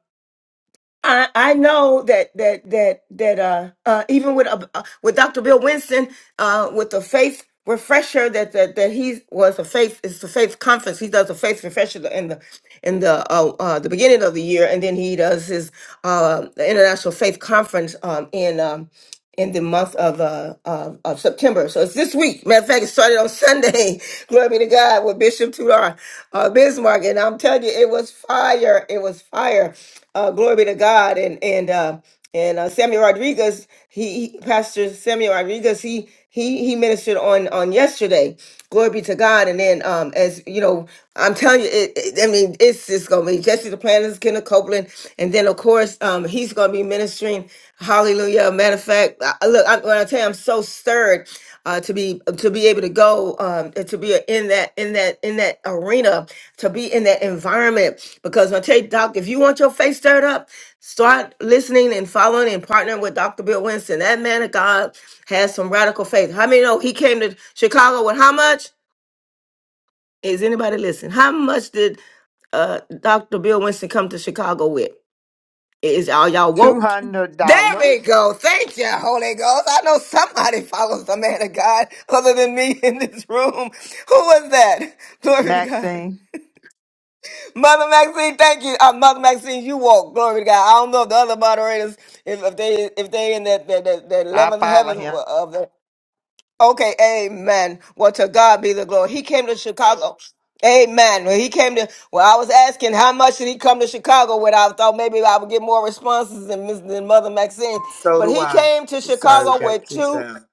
Speaker 1: I, I know that that that that uh, uh even with uh, uh, with Dr. Bill Winston uh with the faith refresher that that that he was a faith it's a faith conference he does a faith refresher in the in the uh, uh the beginning of the year and then he does his uh the international faith conference um in um in the month of, uh, of of September. So it's this week. Matter of fact, it started on Sunday. Glory be to God with Bishop Tudor uh, Bismarck, and I'm telling you, it was fire. It was fire. Uh, glory be to God, and and uh, and uh, Samuel Rodriguez, he, he Pastor Samuel Rodriguez, he. He he ministered on on yesterday. Glory be to God. And then um as you know, I'm telling you, it, it- I mean, it's just gonna be Jesse the Planners, Kenneth Copeland, and then of course um he's gonna be ministering. Hallelujah. Matter of fact, I, I- look, I, when I tell you, I'm so stirred uh, to be to be able to go um, and to be in that in that in that arena to be in that environment because I tell you, doc if you want your face stirred up start listening and following and partnering with dr bill winston that man of god has some radical faith how many know he came to chicago with how much is anybody listening how much did uh, dr bill winston come to chicago with is are y'all woke there
Speaker 3: $200.
Speaker 1: we go. Thank you, Holy Ghost. I know somebody follows the man of God other than me in this room. Who was that? Glory to God.
Speaker 3: Maxine,
Speaker 1: Mother Maxine, thank you. Uh, Mother Maxine, you walk. Glory to God. I don't know if the other moderators, if, if they if they in that that that
Speaker 3: I
Speaker 1: eleventh
Speaker 3: follow
Speaker 1: heaven
Speaker 3: him.
Speaker 1: uh, of the Okay, amen. Well, to God be the glory. He came to Chicago. Amen. When he came to, well, I was asking how much did he come to Chicago with? I thought maybe I would get more responses than, Miss- than Mother Maxine.
Speaker 4: So
Speaker 1: But
Speaker 4: do
Speaker 1: he
Speaker 4: I.
Speaker 1: came to
Speaker 4: I'm sorry, we
Speaker 1: Chicago
Speaker 4: got
Speaker 1: with
Speaker 4: kicked
Speaker 1: two,
Speaker 4: out.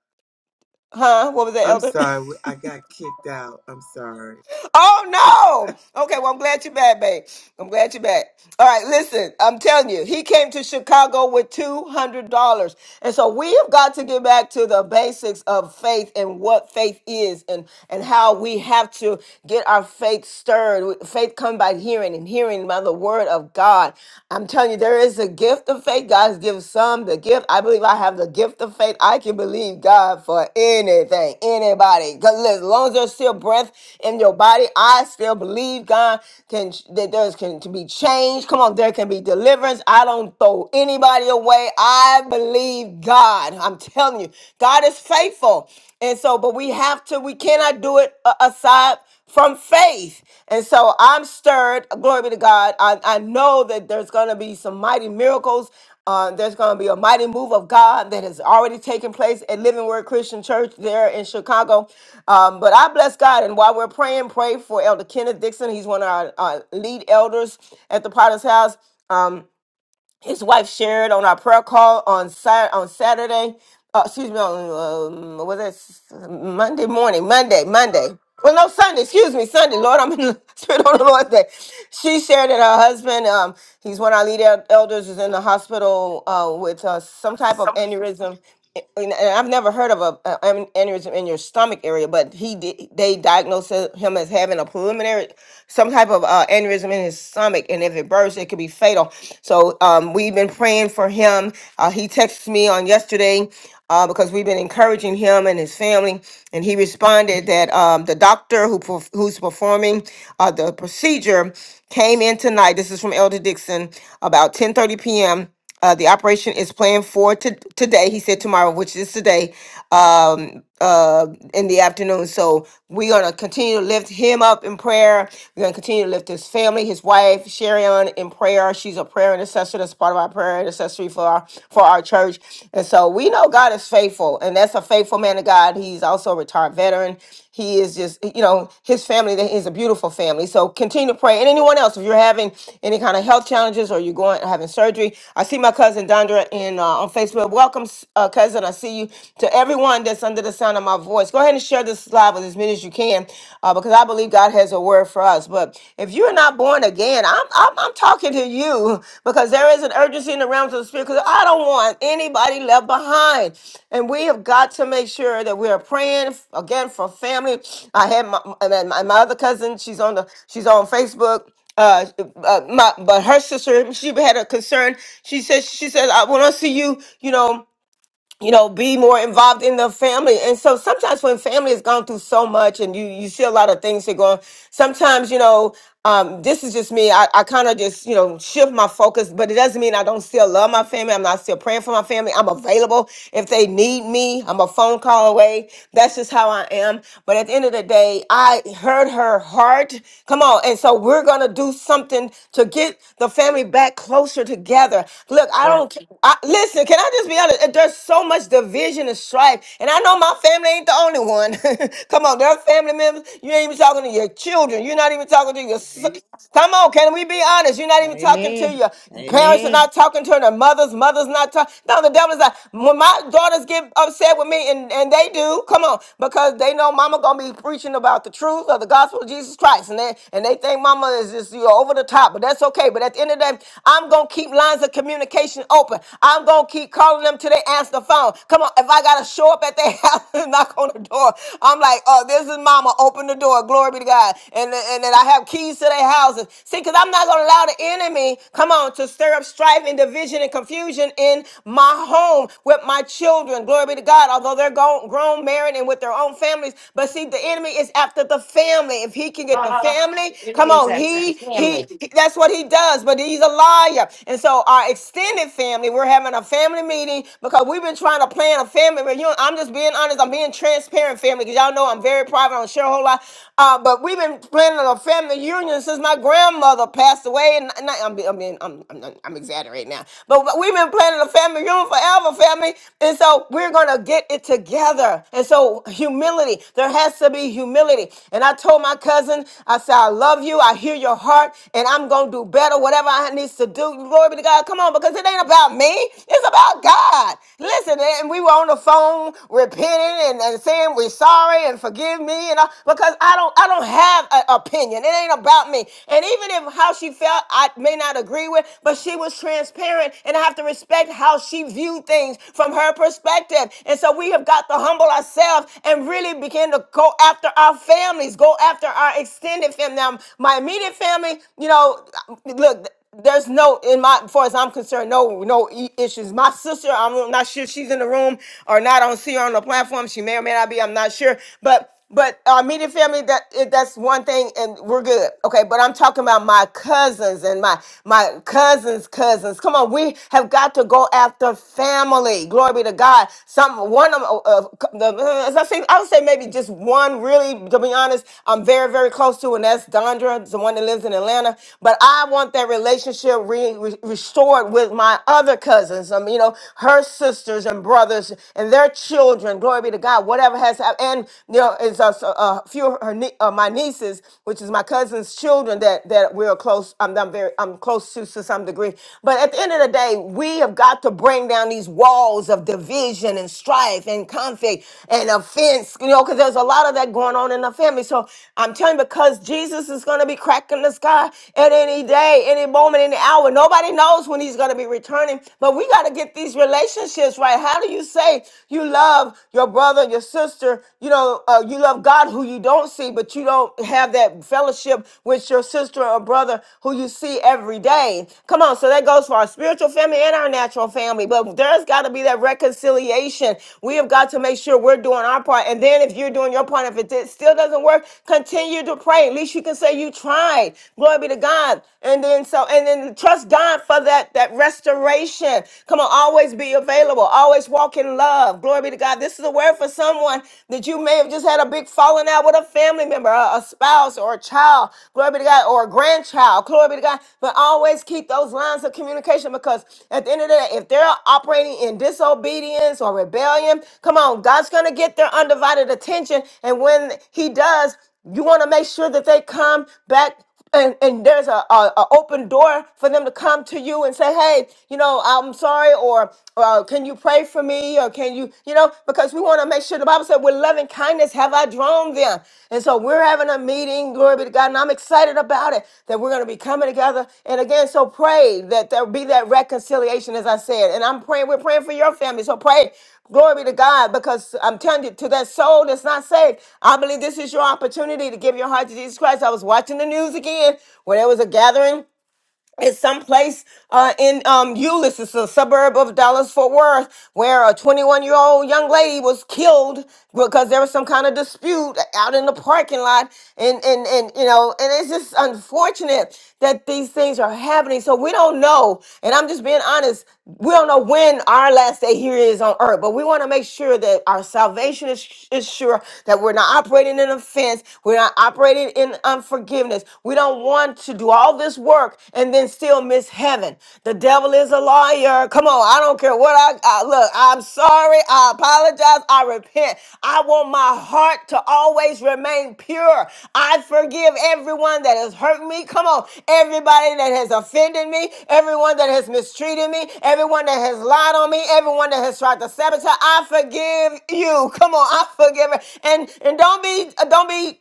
Speaker 1: huh? What was that,
Speaker 4: I'm
Speaker 1: Elder?
Speaker 4: sorry, we- I got kicked out. I'm sorry.
Speaker 1: Oh no! Okay, well I'm glad you're back, babe. I'm glad you're back. All right, listen. I'm telling you, he came to Chicago with two hundred dollars, and so we have got to get back to the basics of faith and what faith is, and and how we have to get our faith stirred. Faith come by hearing, and hearing by the word of God. I'm telling you, there is a gift of faith. God has given some the gift. I believe I. I have the gift of faith, I can believe God for anything, anybody. Because as long as there's still breath in your body, I still believe God can that there's can to be change. Come on, there can be deliverance. I don't throw anybody away. I believe God. I'm telling you, God is faithful. And so, but we have to, we cannot do it a- aside from faith. And so I'm stirred. Glory be to God. I, I know that there's going to be some mighty miracles. Uh, there's going to be a mighty move of God that has already taken place at Living Word Christian Church there in Chicago. Um, but I bless God. And while we're praying, pray for Elder Kenneth Dixon. He's one of our uh, lead elders at the Potter's House. Um, his wife shared on our prayer call on Sat on Saturday. Uh, excuse me, on uh, was that S- Monday morning? Monday, Monday. Well, no, Sunday. Excuse me, Sunday. Lord, I'm in the spirit on the Lord's day. She shared that her husband, um, he's one of our lead el- elders, is in the hospital uh, with uh, some type of aneurysm, and and I've never heard of a, a an aneurysm in your stomach area, but he did. They diagnosed it- him as having a preliminary, some type of uh, aneurysm in his stomach, and if it bursts, it could be fatal. So um, we've been praying for him. Uh, he texted me on yesterday uh, because we've been encouraging him and his family, and he responded that um, the doctor who perf- who's performing uh, the procedure came in tonight. This is from Elder Dixon about 10:30 p.m. Uh, the operation is planned for to, today. He said tomorrow, which is today, um, uh, in the afternoon. So we're gonna continue to lift him up in prayer. We're gonna continue to lift his family, his wife Sharon, in prayer. She's a prayer intercessor. That's part of our prayer intercessory for our for our church. And so we know God is faithful, and that's a faithful man of God. He's also a retired veteran. He is just, you know, his family that is a beautiful family. So continue to pray. And anyone else, if you're having any kind of health challenges challenges or you're going having surgery. I see my cousin Dondra in uh, on Facebook. Welcome, s- uh, cousin. I see you to everyone that's under the sound of my voice. Go ahead and share this live with as many as you can uh, because I believe God has a word for us. But if you're not born again, I'm, I'm I'm talking to you because there is an urgency in the realms of the spirit because I don't want anybody left behind, and we have got to make sure that we are praying f- again for family. I had my my, my my other cousin. She's on the she's on Facebook uh, uh my but her sister she had a concern she said she said i want to see you you know you know be more involved in the family and so sometimes when family has gone through so much and you you see a lot of things that go on sometimes you know um this is just me i, I kind of just you know shift my focus but it doesn't mean i don't still love my family i'm not still praying for my family i'm available if they need me i'm a phone call away that's just how i am but at the end of the day i heard her hard. Come on. And so we're going to do something to get the family back closer together. Look, I don't
Speaker 12: Yes.
Speaker 1: ca- I, listen, can I just be honest? There's so much division and strife. And I know my family ain't the only one. Come on, there are family members. You ain't even talking to your children. You're not even talking to your s- Come on, can we be honest? You're not even talking to
Speaker 3: Amen.
Speaker 1: your parents are
Speaker 3: Amen.
Speaker 1: not talking to her, their mothers, mothers not talking. No, the devil is like, when my daughters get upset with me, and, and they do, come on, because they know mama gonna be preaching about the truth of the gospel of Jesus Christ. And they and they think mama is just you know, over the top, but that's okay. But at the end of the day, I'm gonna keep lines of communication open. I'm gonna keep calling them till they answer the phone on, come on. If I gotta show up at their house and knock on the door, I'm like, oh, this is mama. Open the door. Glory be to God. And then- and then I have keys to their houses. See, because I'm not gonna allow the enemy, come on, to stir up strife and division and confusion in my home with my children. Glory be to God. Although they're grown, grown, married, and with their own families, but see, the enemy is after the family. If he can get the
Speaker 12: Ah,
Speaker 1: family, come
Speaker 12: enemies
Speaker 1: on,
Speaker 12: at
Speaker 1: he he.
Speaker 12: family.
Speaker 1: he- That's what he does. But he's a liar. And so our extended, we're having a family meeting plan a family reunion. I'm just being honest and transparent, family, because y'all know I'm very private. I don't share a whole lot. Uh, but we've been planning a family reunion since my grandmother passed away, and, I- am I'm being now. But we've been planning a family reunion forever, family. And so we're going to get it together. And so humility, there has to be humility. And I told my cousin, I said, I love you. I hear your heart and I'm going to do better, whatever I needs to do. Glory be to God. Come on, because it ain't about me. It's about God. Listen, eh, and we were on the phone repenting and, and saying we're sorry and forgive me. And all, because I don't, I don't have an opinion. It ain't about me. And even if how she felt, I may not agree with, but she was transparent and I have to respect how she viewed things from her perspective. And so we have got to humble ourselves and really begin to go after our families, go after our extended family. Now, my immediate family, you know, look, there's no in my as far as I'm concerned, no no i- issues. My sister, I'm not sure if she's in the room or not. I don't see her on the platform. She may or may not be. I'm not sure, but. But uh, immediate family, that it, that's one thing, and we're good. Okay, but I'm talking about my cousins and my my cousins' cousins. Come on, we have got to go after family. Glory be to God. Some one of uh, the uh, as I say, I would say maybe just one really. To be honest, I'm very very close to, and that's Dondra, the one that lives in Atlanta. But I want that relationship re- re- restored with my other cousins. Um, you know, her sisters and brothers and their children. Glory be to God out whatever has happened. And you know, it's a, so, a few of her, nie- uh, my nieces, which is my cousin's children that that we're close. I'm, I'm very I'm close to to some degree. But at the end of the day, we have got to bring down these walls of division and strife and conflict and offense. You know, because there's a lot of that going on in the family. So I'm telling you, because Jesus is going to be cracking the sky at any day, any moment, any hour. Nobody knows when he's going to be returning. But we got to get these relationships right. How do you say? way. You love your brother, your sister. You know, uh, you love God who you don't see, but you don't have that fellowship with your sister or brother who you see every day. Come on, so that goes for our spiritual family and our natural family. But there's got to be that reconciliation. We have got to make sure we're doing our part. And then if you're doing your part, if it did- still doesn't work, continue to pray. At least you can say you tried. Glory be to God. And then so, and then trust God for that that restoration. Come on, always be available Always walk in love. Glory be to God. This is a word for someone that you may have just had a big falling out with a member, a a spouse, or a child, or a grandchild. Glory be to God. But always keep those lines of communication because at the end of the day, if they're operating in disobedience or rebellion, come on, God's going to get their undivided attention. And when He does, you want to make sure that they come back and, and there's a, a, a open door for them to come to you and say, hey, you know, I'm sorry, or uh, can you pray for me, or can you, you know, because we want to make sure the Bible said, with loving kindness have I drawn them, and so we're having a meeting, glory be to God, and I'm excited about it that we're going to be coming together, and again, so pray that there be that reconciliation, as I said, and I'm praying, we're praying for your family, so pray Glory to God, because I'm telling you, to that soul that's not saved, I believe this is your opportunity to give your heart to Jesus Christ. I was watching the news again where there was a gathering it's someplace uh, in um, Ulysses, a suburb of Dallas Fort Worth, where a 21 year old young lady was killed because there was some kind of dispute out in the parking lot. And, and, and, you know, and it's just unfortunate that these things are happening. So we don't know. And I'm just being honest, we don't know when our last day here is on earth, but we want to make sure that our salvation is, is sure, that we're not operating in offense, we're not operating in unforgiveness forgiveness. We don't want to do all this work and then still miss heaven. The devil is a liar. Come on, I don't care what I, I look. I'm sorry. I apologize. I repent. I want my heart to always remain pure. I forgive everyone that has hurt me. Come on, everybody that has offended me, everyone that has mistreated me, everyone that has lied on me, everyone that has tried to sabotage. I forgive you. Come on, I forgive. And and don't be, uh, don't be,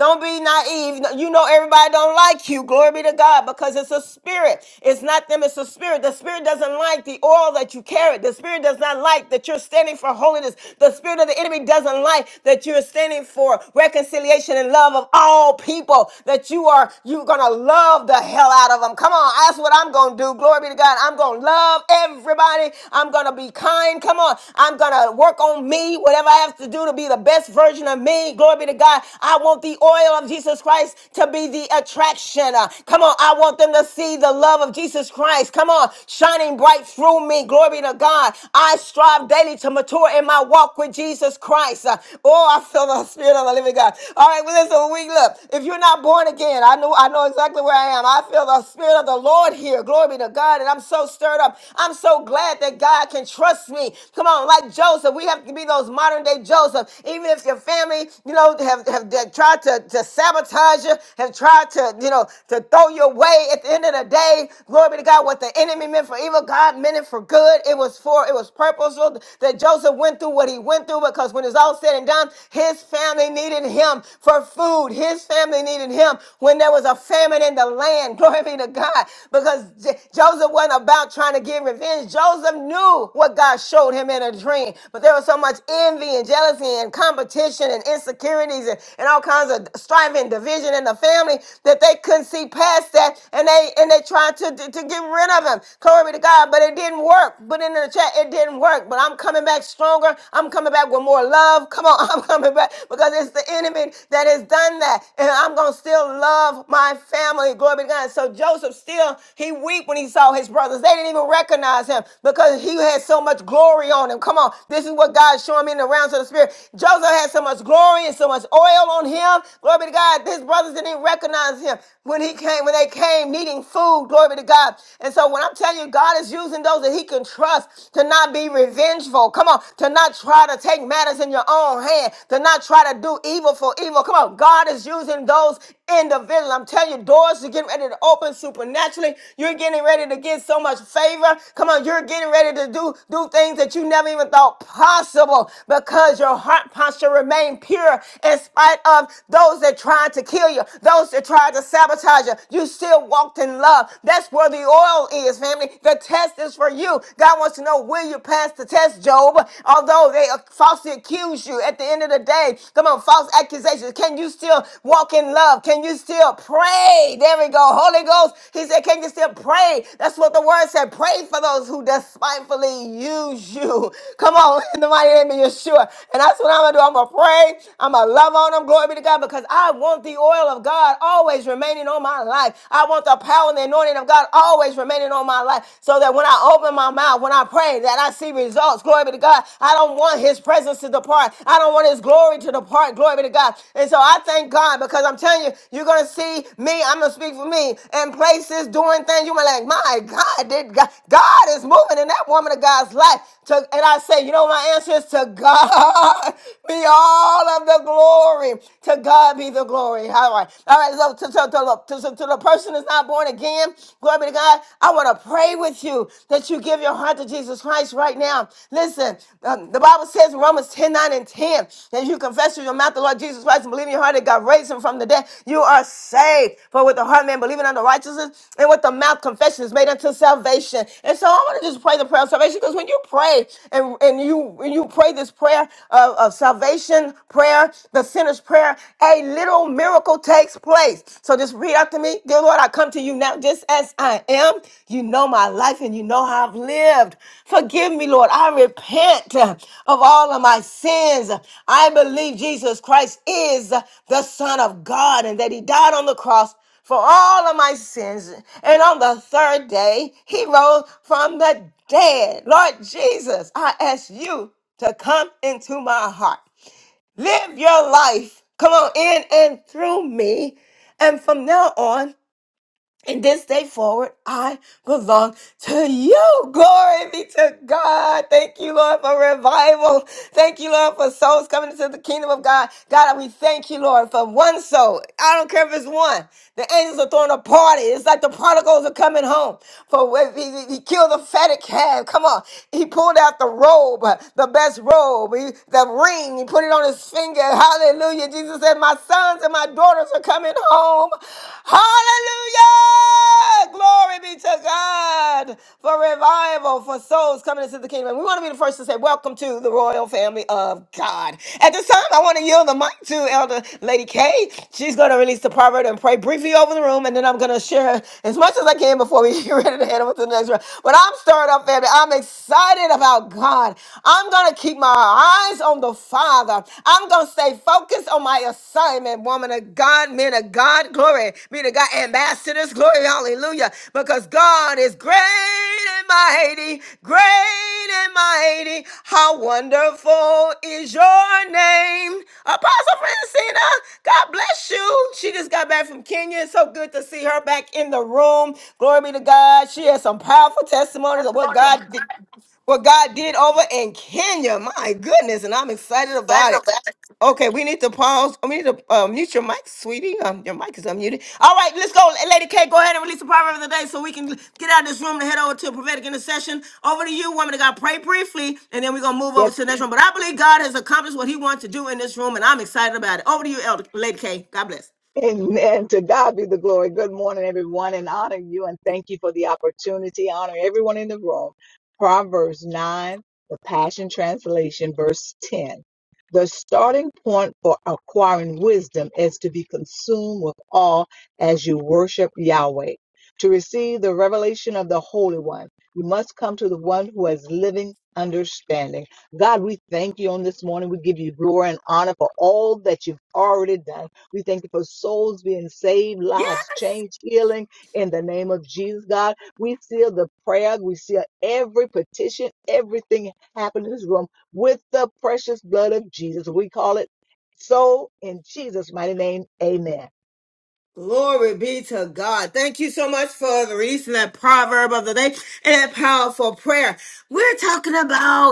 Speaker 1: don't be naive. You know everybody don't like you. Glory be to God, because it's a spirit. It's not them. It's a spirit. The spirit doesn't like the oil that you carry. The spirit does not like that you're standing for holiness. The spirit of the enemy doesn't like that you're standing for reconciliation and love of all people. That you are, you're gonna love the hell out of them. Come on, that's what I'm gonna do. Glory be to God. I'm gonna love everybody. I'm gonna be kind. Come on, I'm gonna God to work on me, whatever I have to do to be the best version of me. Glory be to God. I want the oil of Jesus Christ to be the attraction. Uh, Come on, I want them to see the love of Jesus Christ. Come on, shining bright through me. Glory be to God. I strive daily to mature in my walk with Jesus Christ. Uh, Oh, I feel the spirit of the living God. All right, well, listen, we look. If you're not born again, I know I know exactly where I am. I feel the spirit of the Lord here. Glory be to God. And I'm so stirred up. I'm so glad that God can trust me. Come on, like Joseph, we have to be those modern day Joseph. Even if your family, you know, have, have, have tried to, to sabotage you, have tried to, you know, to throw you away at the end of the day, glory be to God, what the enemy meant for evil, God meant it for good. It was for, it was purposeful that Joseph went through what he went through because when it's all said and done, his family needed him for food. His family needed him when there was a famine in the land. Glory be to God. God, because J- Joseph wasn't about trying to get revenge. Joseph knew what God showed him in a dream, but there was so much envy and jealousy and competition and insecurities and, and all kinds of strife and division in the family that they couldn't see past that, and they and they tried to, to, to get rid of him. Glory to God, but it didn't work. But in the chat, it didn't work. But I'm coming back stronger. I'm coming back with more love. Come on, I'm coming back because it's the enemy that has done that, and I'm gonna come on. This is the spirit. Joseph had some. praying so much oil on him. Glory be to God. His brothers didn't even recognize him when he came, when they came needing food. Glory to God. And so when I'm telling you, God is using those that He can trust to not be revengeful. Come on, to not try to take matters in your own hand, to not try to do evil for evil. Come on, God is using those individuals. I'm telling you, doors are getting ready to open supernaturally. You're getting ready to get so much favor. Come on, you're getting ready to do do things that you never even thought possible because your heart posture remained pure in spite of those that tried to kill you, those that tried tried to sabotage you, you still walked in love. That's where the oil is, family. The test is for you. God wants to know will you pass the test, Job? Although they falsely accuse you at the end of the day, come on, false accusations. Can you still walk in love? Can you still pray? There we go. Holy Ghost, He said, Can you still pray? That's what the word said. Pray for those who despitefully use you. Come on, in the mighty name of Yeshua. And that's what I'm gonna do. I'm gonna pray. I'm gonna love on on them. Glory be to God because I want the oil of God always remaining on my life. I want the power and the anointing of God always remaining on my life so that when I open my mouth, when I pray, that I see results. Glory be to God. I don't want his presence to depart. I don't want his glory to depart. Glory be to God. And so I thank God because I'm telling you, you're going to see me. I'm going to speak for me in places doing things. You're like, my God, did God, God is moving in that woman of God's life. To, and I say, you know, my answer is to God be all of the glory glory. To God be the glory. All right. All right. So, to, to, to, to, to- so to the person that's not born again, glory be to God. I want to pray with you that you give your heart to Jesus Christ right now. Listen, um, the Bible says in Romans 10 9 and 10 that if you confess with your mouth and believe in your Repeat after me. Dear Lord, I come to you now just as I am. You know my life and you know how I've lived. Forgive me, Lord. I repent uh, of all of my sins. I believe Jesus Christ is uh, the Son of God and that He died on the cross for all of my sins. And on the third day, He rose from the dead. Lord Jesus, I ask you to come into my heart. Live your life. Come on in and through me. And from now on, and this day forward, I belong to you. Glory be to God. Thank you, Lord, for revival. Thank you, Lord, for souls coming into the kingdom of God. God, we thank you, Lord, for one soul. I don't care if it's one. The angels are throwing a party. It's like the prodigals are coming home. For he, he- he killed the fatted calf. Come on. He pulled out the robe, uh, the best robe, he- the ring. He put it on his finger. Hallelujah. Jesus said, My sons and my daughters are coming home. Hallelujah. Glory be be to God for revival, for souls coming into the kingdom. We want to be the first to say, Welcome to the royal family of God. At this time, I want to yield the mic to Elder Lady K. She's going to release the proverb and pray briefly over the room, and then I'm going to share as much as I can before we get ready to head over to the next round. But I'm stirred up, family. I'm excited about about God. I'm going to keep my eyes on the Father. I'm going to stay focused on my assignment, woman of God, men of God, glory, men to God, ambassadors, glory, hallelujah, because God is great and mighty, great and mighty. How wonderful is your name, Apostle Francina. God bless you. She just got back from Kenya. It's so good to see her back in the room. Glory be to God. She has some powerful testimonies of what
Speaker 12: Testimony.
Speaker 1: God what God did over in Kenya. My goodness, and I'm excited about it. Okay, we need to pause. We need to uh, mute your mic, sweetie. Um, your mic is unmuted. All right, let's go, Lady K. Go ahead and release the proverb of the day so we can get out of this room and head over to a prophetic intercession. Over to you, woman of God. Pray briefly, and then we're gonna move over
Speaker 6: Yes.
Speaker 1: to the next one. But I believe God has accomplished what He wants to do in this room, and I'm excited about it. Over to you, Elder Lady K. God bless.
Speaker 6: Amen. To God be the glory. Good morning, everyone, and honor you and thank you for the opportunity. Honor everyone in the room. Proverbs 9, the Passion Translation, verse 10. The starting point for acquiring wisdom is to be consumed with awe as you worship Yahweh. To receive the revelation of the Holy One, you must come to the one who has living understanding. God, we thank you on this morning. We give you glory and honor for all that you've already done we thank you for souls being saved, lives changed, healing in the name of Jesus, God. We seal the prayer. We seal every petition, everything happening in this room with the precious blood of Jesus. We call it so in Jesus' mighty name. Amen.
Speaker 1: Glory be to God. Thank you so much for releasing that proverb of the day and that powerful prayer. We're talking about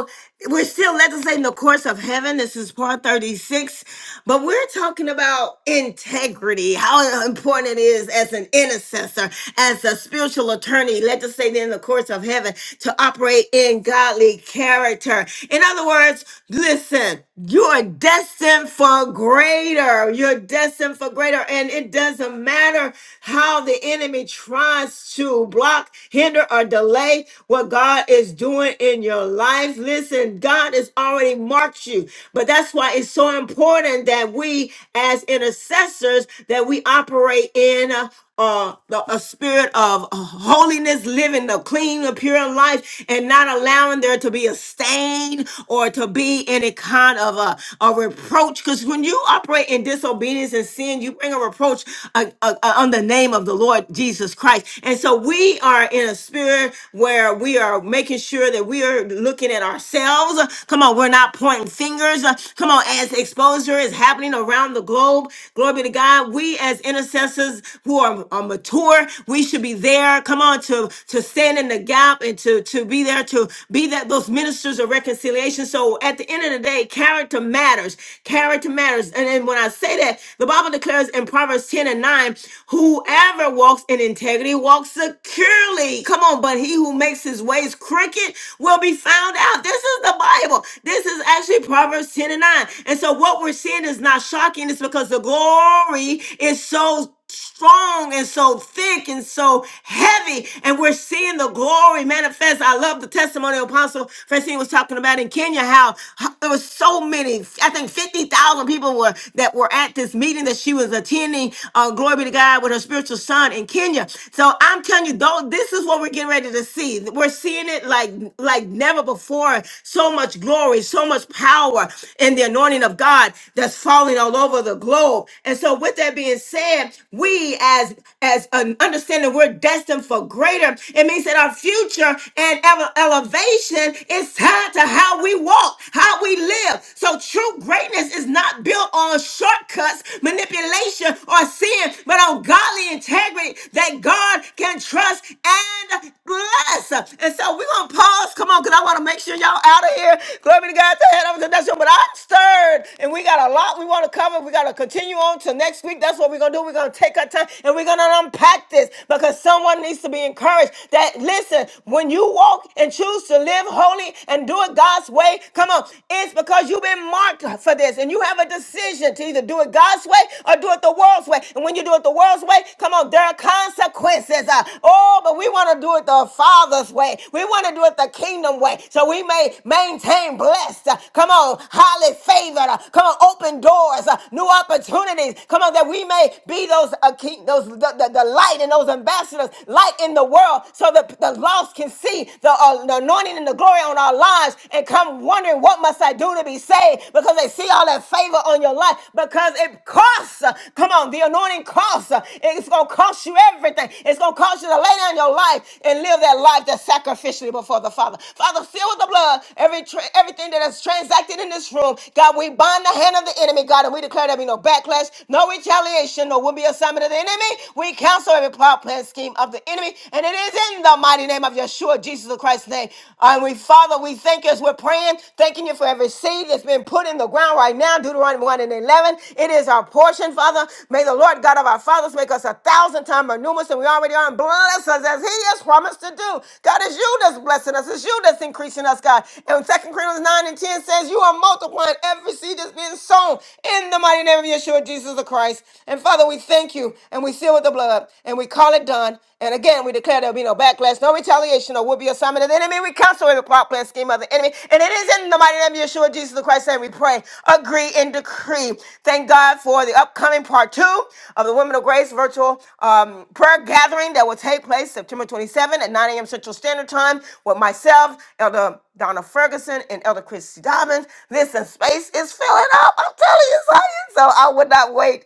Speaker 1: we're still legislating the course of heaven. This is part 36, but we're talking about integrity, how important it is as an intercessor, as a spiritual attorney, legislating in the course of heaven to operate in godly character. In other words, listen, you're destined for greater. You're destined for greater. And it doesn't matter how the enemy tries to block, hinder, or delay what God is is doing in your life. Listen, God has already marked you. But that's why it's so important that we as intercessors that we operate in uh, uh, the, a spirit of holiness, living a clean, a pure life, and not allowing there to be a stain or to be any kind of a, a reproach. Because when you operate in disobedience and sin, you bring a reproach uh, uh, uh, on the name of the Lord Jesus Christ. And so we are in in a spirit where we are making sure that we are looking at ourselves. Come on, we're not pointing fingers. Uh, Come on, as exposure is happening around the globe, glory be to God. We as intercessors who are, are mature, we should be there. Come on, to to stand in the gap and to to be there to be that those ministers of reconciliation. So at the end of the day, character matters. Character matters. And then when I say that, the Bible declares in Proverbs 10 and 9, whoever walks in walks in integrity walks securely. Come on, but he who makes his ways crooked will be found out. This is the Bible. This is actually Proverbs 10 and 9. And so what we're seeing is not shocking. It's because the glory is so strong and so thick and so heavy and we're seeing the glory manifest i love the testimony of apostle francine was talking about in kenya how how there was so many i think 50000 people were that were at this meeting that she was attending uh, glory be to God, with her spiritual son in Kenya. So I'm telling you, though, this is what we're getting ready to see. We're seeing it like like never before. So much glory, so much power, and the anointing of God that's falling all over the globe. And so, with that being said, we as as an understanding we're destined for greater. It means that our future and ele- elevation is tied to how we walk, how we live. So, true greatness is not built on shortcuts shortcuts, manipulation, or sin, but on godly integrity that God can trust and bless. And so we're gonna pause. Come on, because I want to make sure y'all out of here. Glory be to God to head over conduction. But I'm stirred, and we got a lot we want to cover. We gotta continue on to next week. That's what we're gonna do. We're gonna take our time and we're gonna unpack this because someone needs to be encouraged that listen, when you walk and choose to live holy and do it God's way, come on, it's because you've been marked for this. And you have a decision to either do it God's way or do it the world's way. And when you do it the world's way, come on, there are consequences. Uh, oh, but we want to do it the Father's way. We want to do it the kingdom way. So we may maintain blessed. uh, come on, highly favored. uh, come on, open doors, uh, new opportunities. Come on, that we may be those uh, king, those the, the, the light and those ambassadors, light in the world, so that the lost can see the, uh, the anointing and the glory on our lives and come wondering, what must I do? do to be saved because they see all that favor on your life because it costs. Come on, the anointing costs. It's going to cost you everything. It's going to cost you to lay down your life and live that life that's sacrificially before the Father. Father, fill with the blood every tra- everything that is transacted in this room. God, we bind the hand of the enemy, God, and we declare there be no backlash, no retaliation, no will be assignment of the enemy. We cancel every plot, plan, scheme of the enemy, and it is in the mighty name of Yeshua, Jesus Christ Jesus' name. And we, Father, we thank you as we're praying, thanking you for every seed that's been put in the ground right now, Deuteronomy 1 and 11. It is our portion, Father. May the Lord God of our fathers make us a thousand times more numerous than we already are and bless us as he has promised to do. God, it's you that's blessing us. It's you that's increasing us, God. And Second Corinthians 9 and 10 says you are multiplying every seed that's being sown in the mighty name of Yeshua, Jesus the Christ. And Father, we thank you and we seal with the blood and we call it done done. And again, we declare there will be no backlash, no retaliation, or will be assignment of the enemy. We cancel every plot, plan, scheme of the enemy. And it is in the mighty name of Yeshua, Jesus the Christ, that we pray, agree, and decree. Thank God for the upcoming part two of the Women of Grace virtual um, prayer gathering that will take place September 27 at 9 a.m. Central Standard Time with myself, Elder Donna Ferguson, and Elder Christy Dobbins. Listen, space is filling up. I'm telling you, science. So I would not wait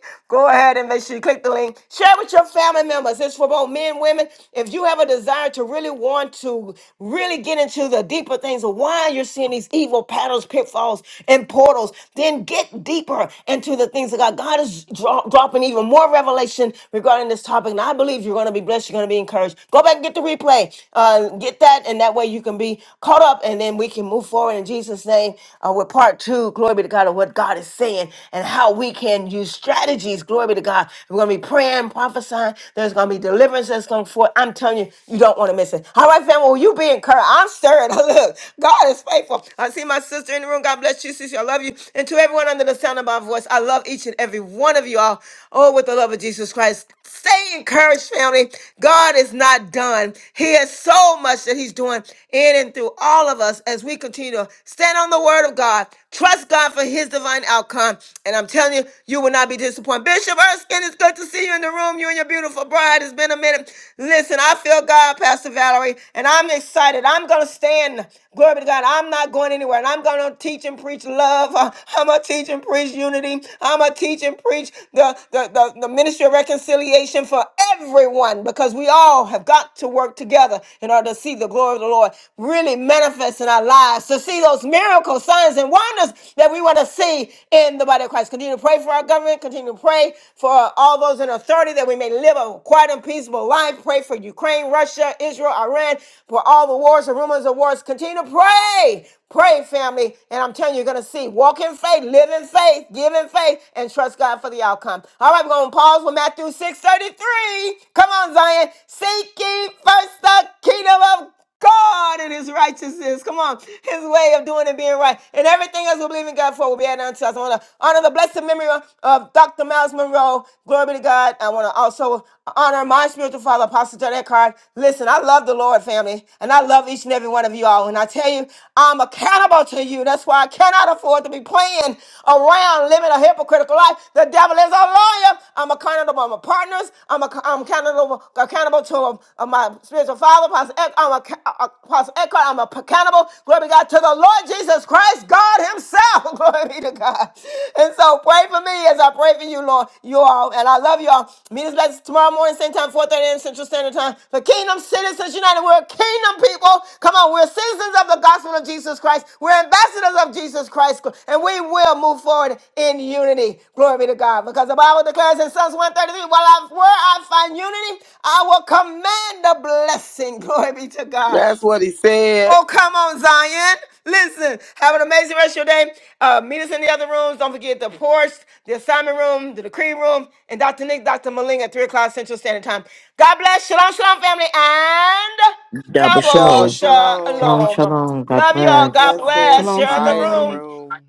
Speaker 1: Make sure you click the link. Share with your family members. It's for both men, women. If you have a desire to really want to really get into the deeper things of why you're seeing these evil patterns, pitfalls, and portals, then get deeper into the things of God. God is dro- dropping even more revelation regarding this topic, and I believe you're going to be blessed. You're going to be encouraged. Get the replay. Uh, get that, and that way you can be up, and then we can move forward in Jesus' name uh, with part two. Glory be to God of what God is saying and how we can use strategies. Glory be to God. We're going to be praying, prophesying. There's going to be deliverance that's going forth. I'm telling you, you don't want to miss it. All right, family, will you be encouraged. I'm stirred. Look, God is faithful. I see my sister in the room. God bless you, sister. I love you. And to everyone under the sound of my voice, I love each and every one of you all. Oh, with the love of Jesus Christ. Stay encouraged, family. God is not done. He has so much much that He's doing in and through all of us as we continue to stand on the Word of God, trust God for His divine outcome. And I'm telling you, you will not be disappointed. Bishop Erskine, it's good to see you in the room. You and your beautiful bride. It's been a minute. Listen, I feel God, Pastor Valerie, and I'm excited. I'm going to stand. Glory be to God. I'm not going anywhere. And I'm going to teach and preach love. Uh, I'm going to teach and preach unity. I'm going to teach and preach the, the, the, the ministry of reconciliation for everyone because we all have have got to work together in order to see the glory of the Lord really manifest in our lives, to see those miracles, signs, and wonders that we want to see in the body of Christ. Continue to pray for our government. Continue to pray for all those in authority that we may live a quiet and peaceable life. Pray for Ukraine, Russia, Israel, Iran, for all the wars and rumors of wars. Continue to pray. Pray, family. And I'm telling you, you're going to see. Walk in faith, live in faith, give in faith, and trust God for the outcome. All right, we're going to pause with Matthew 6:33. Zion. Come on, Zion. Seek ye first the kingdom of God and his righteousness. Come on. His way of doing and being right. And everything else we believe in God for will be added unto us. I want to honor the blessed memory of Dr. Miles Monroe. Glory be to God. I want to also honor my spiritual father, Apostle John Eckhart. Listen, I love the Lord, family. And I love each and every one of you all. And I tell you, I'm accountable to you. That's why I cannot afford to be playing around living a hypocritical life. The devil is a liar. I'm accountable to my partners. I'm, ac- I'm accountable, accountable to uh, my spiritual father, Pastor Eck. I'm ac- uh, uh, Pastor Eckhart. I'm accountable, glory be to God, to the Lord Jesus Christ, God himself. glory be to God. And so pray for me as I pray for you, Lord, you all. And I love you all. Meet us back tomorrow morning, same time, 4.30 a.m. Central Standard Time. For Kingdom Citizens United, we're kingdom people. Come on, we're citizens of the gospel of Jesus Christ. We're ambassadors of Jesus Christ. And we will move forward in unity. thirty-three, While I'm waiting, Command the blessing.
Speaker 4: That's what he said.
Speaker 1: Listen, have an amazing rest of your day. Uh, meet us in the other rooms. Don't forget the porch, the assignment room, the decree room, and Dr. Nick, Dr. Maling at 3 o'clock in time. God bless. Shalom, shalom, family, and
Speaker 14: Double
Speaker 4: Double
Speaker 1: double
Speaker 14: shalom.
Speaker 15: Shalom,
Speaker 4: shalom.
Speaker 1: shalom.
Speaker 15: shalom. God bless.
Speaker 4: Blessings,
Speaker 11: Shalom,
Speaker 4: fire
Speaker 11: shalom.
Speaker 4: room.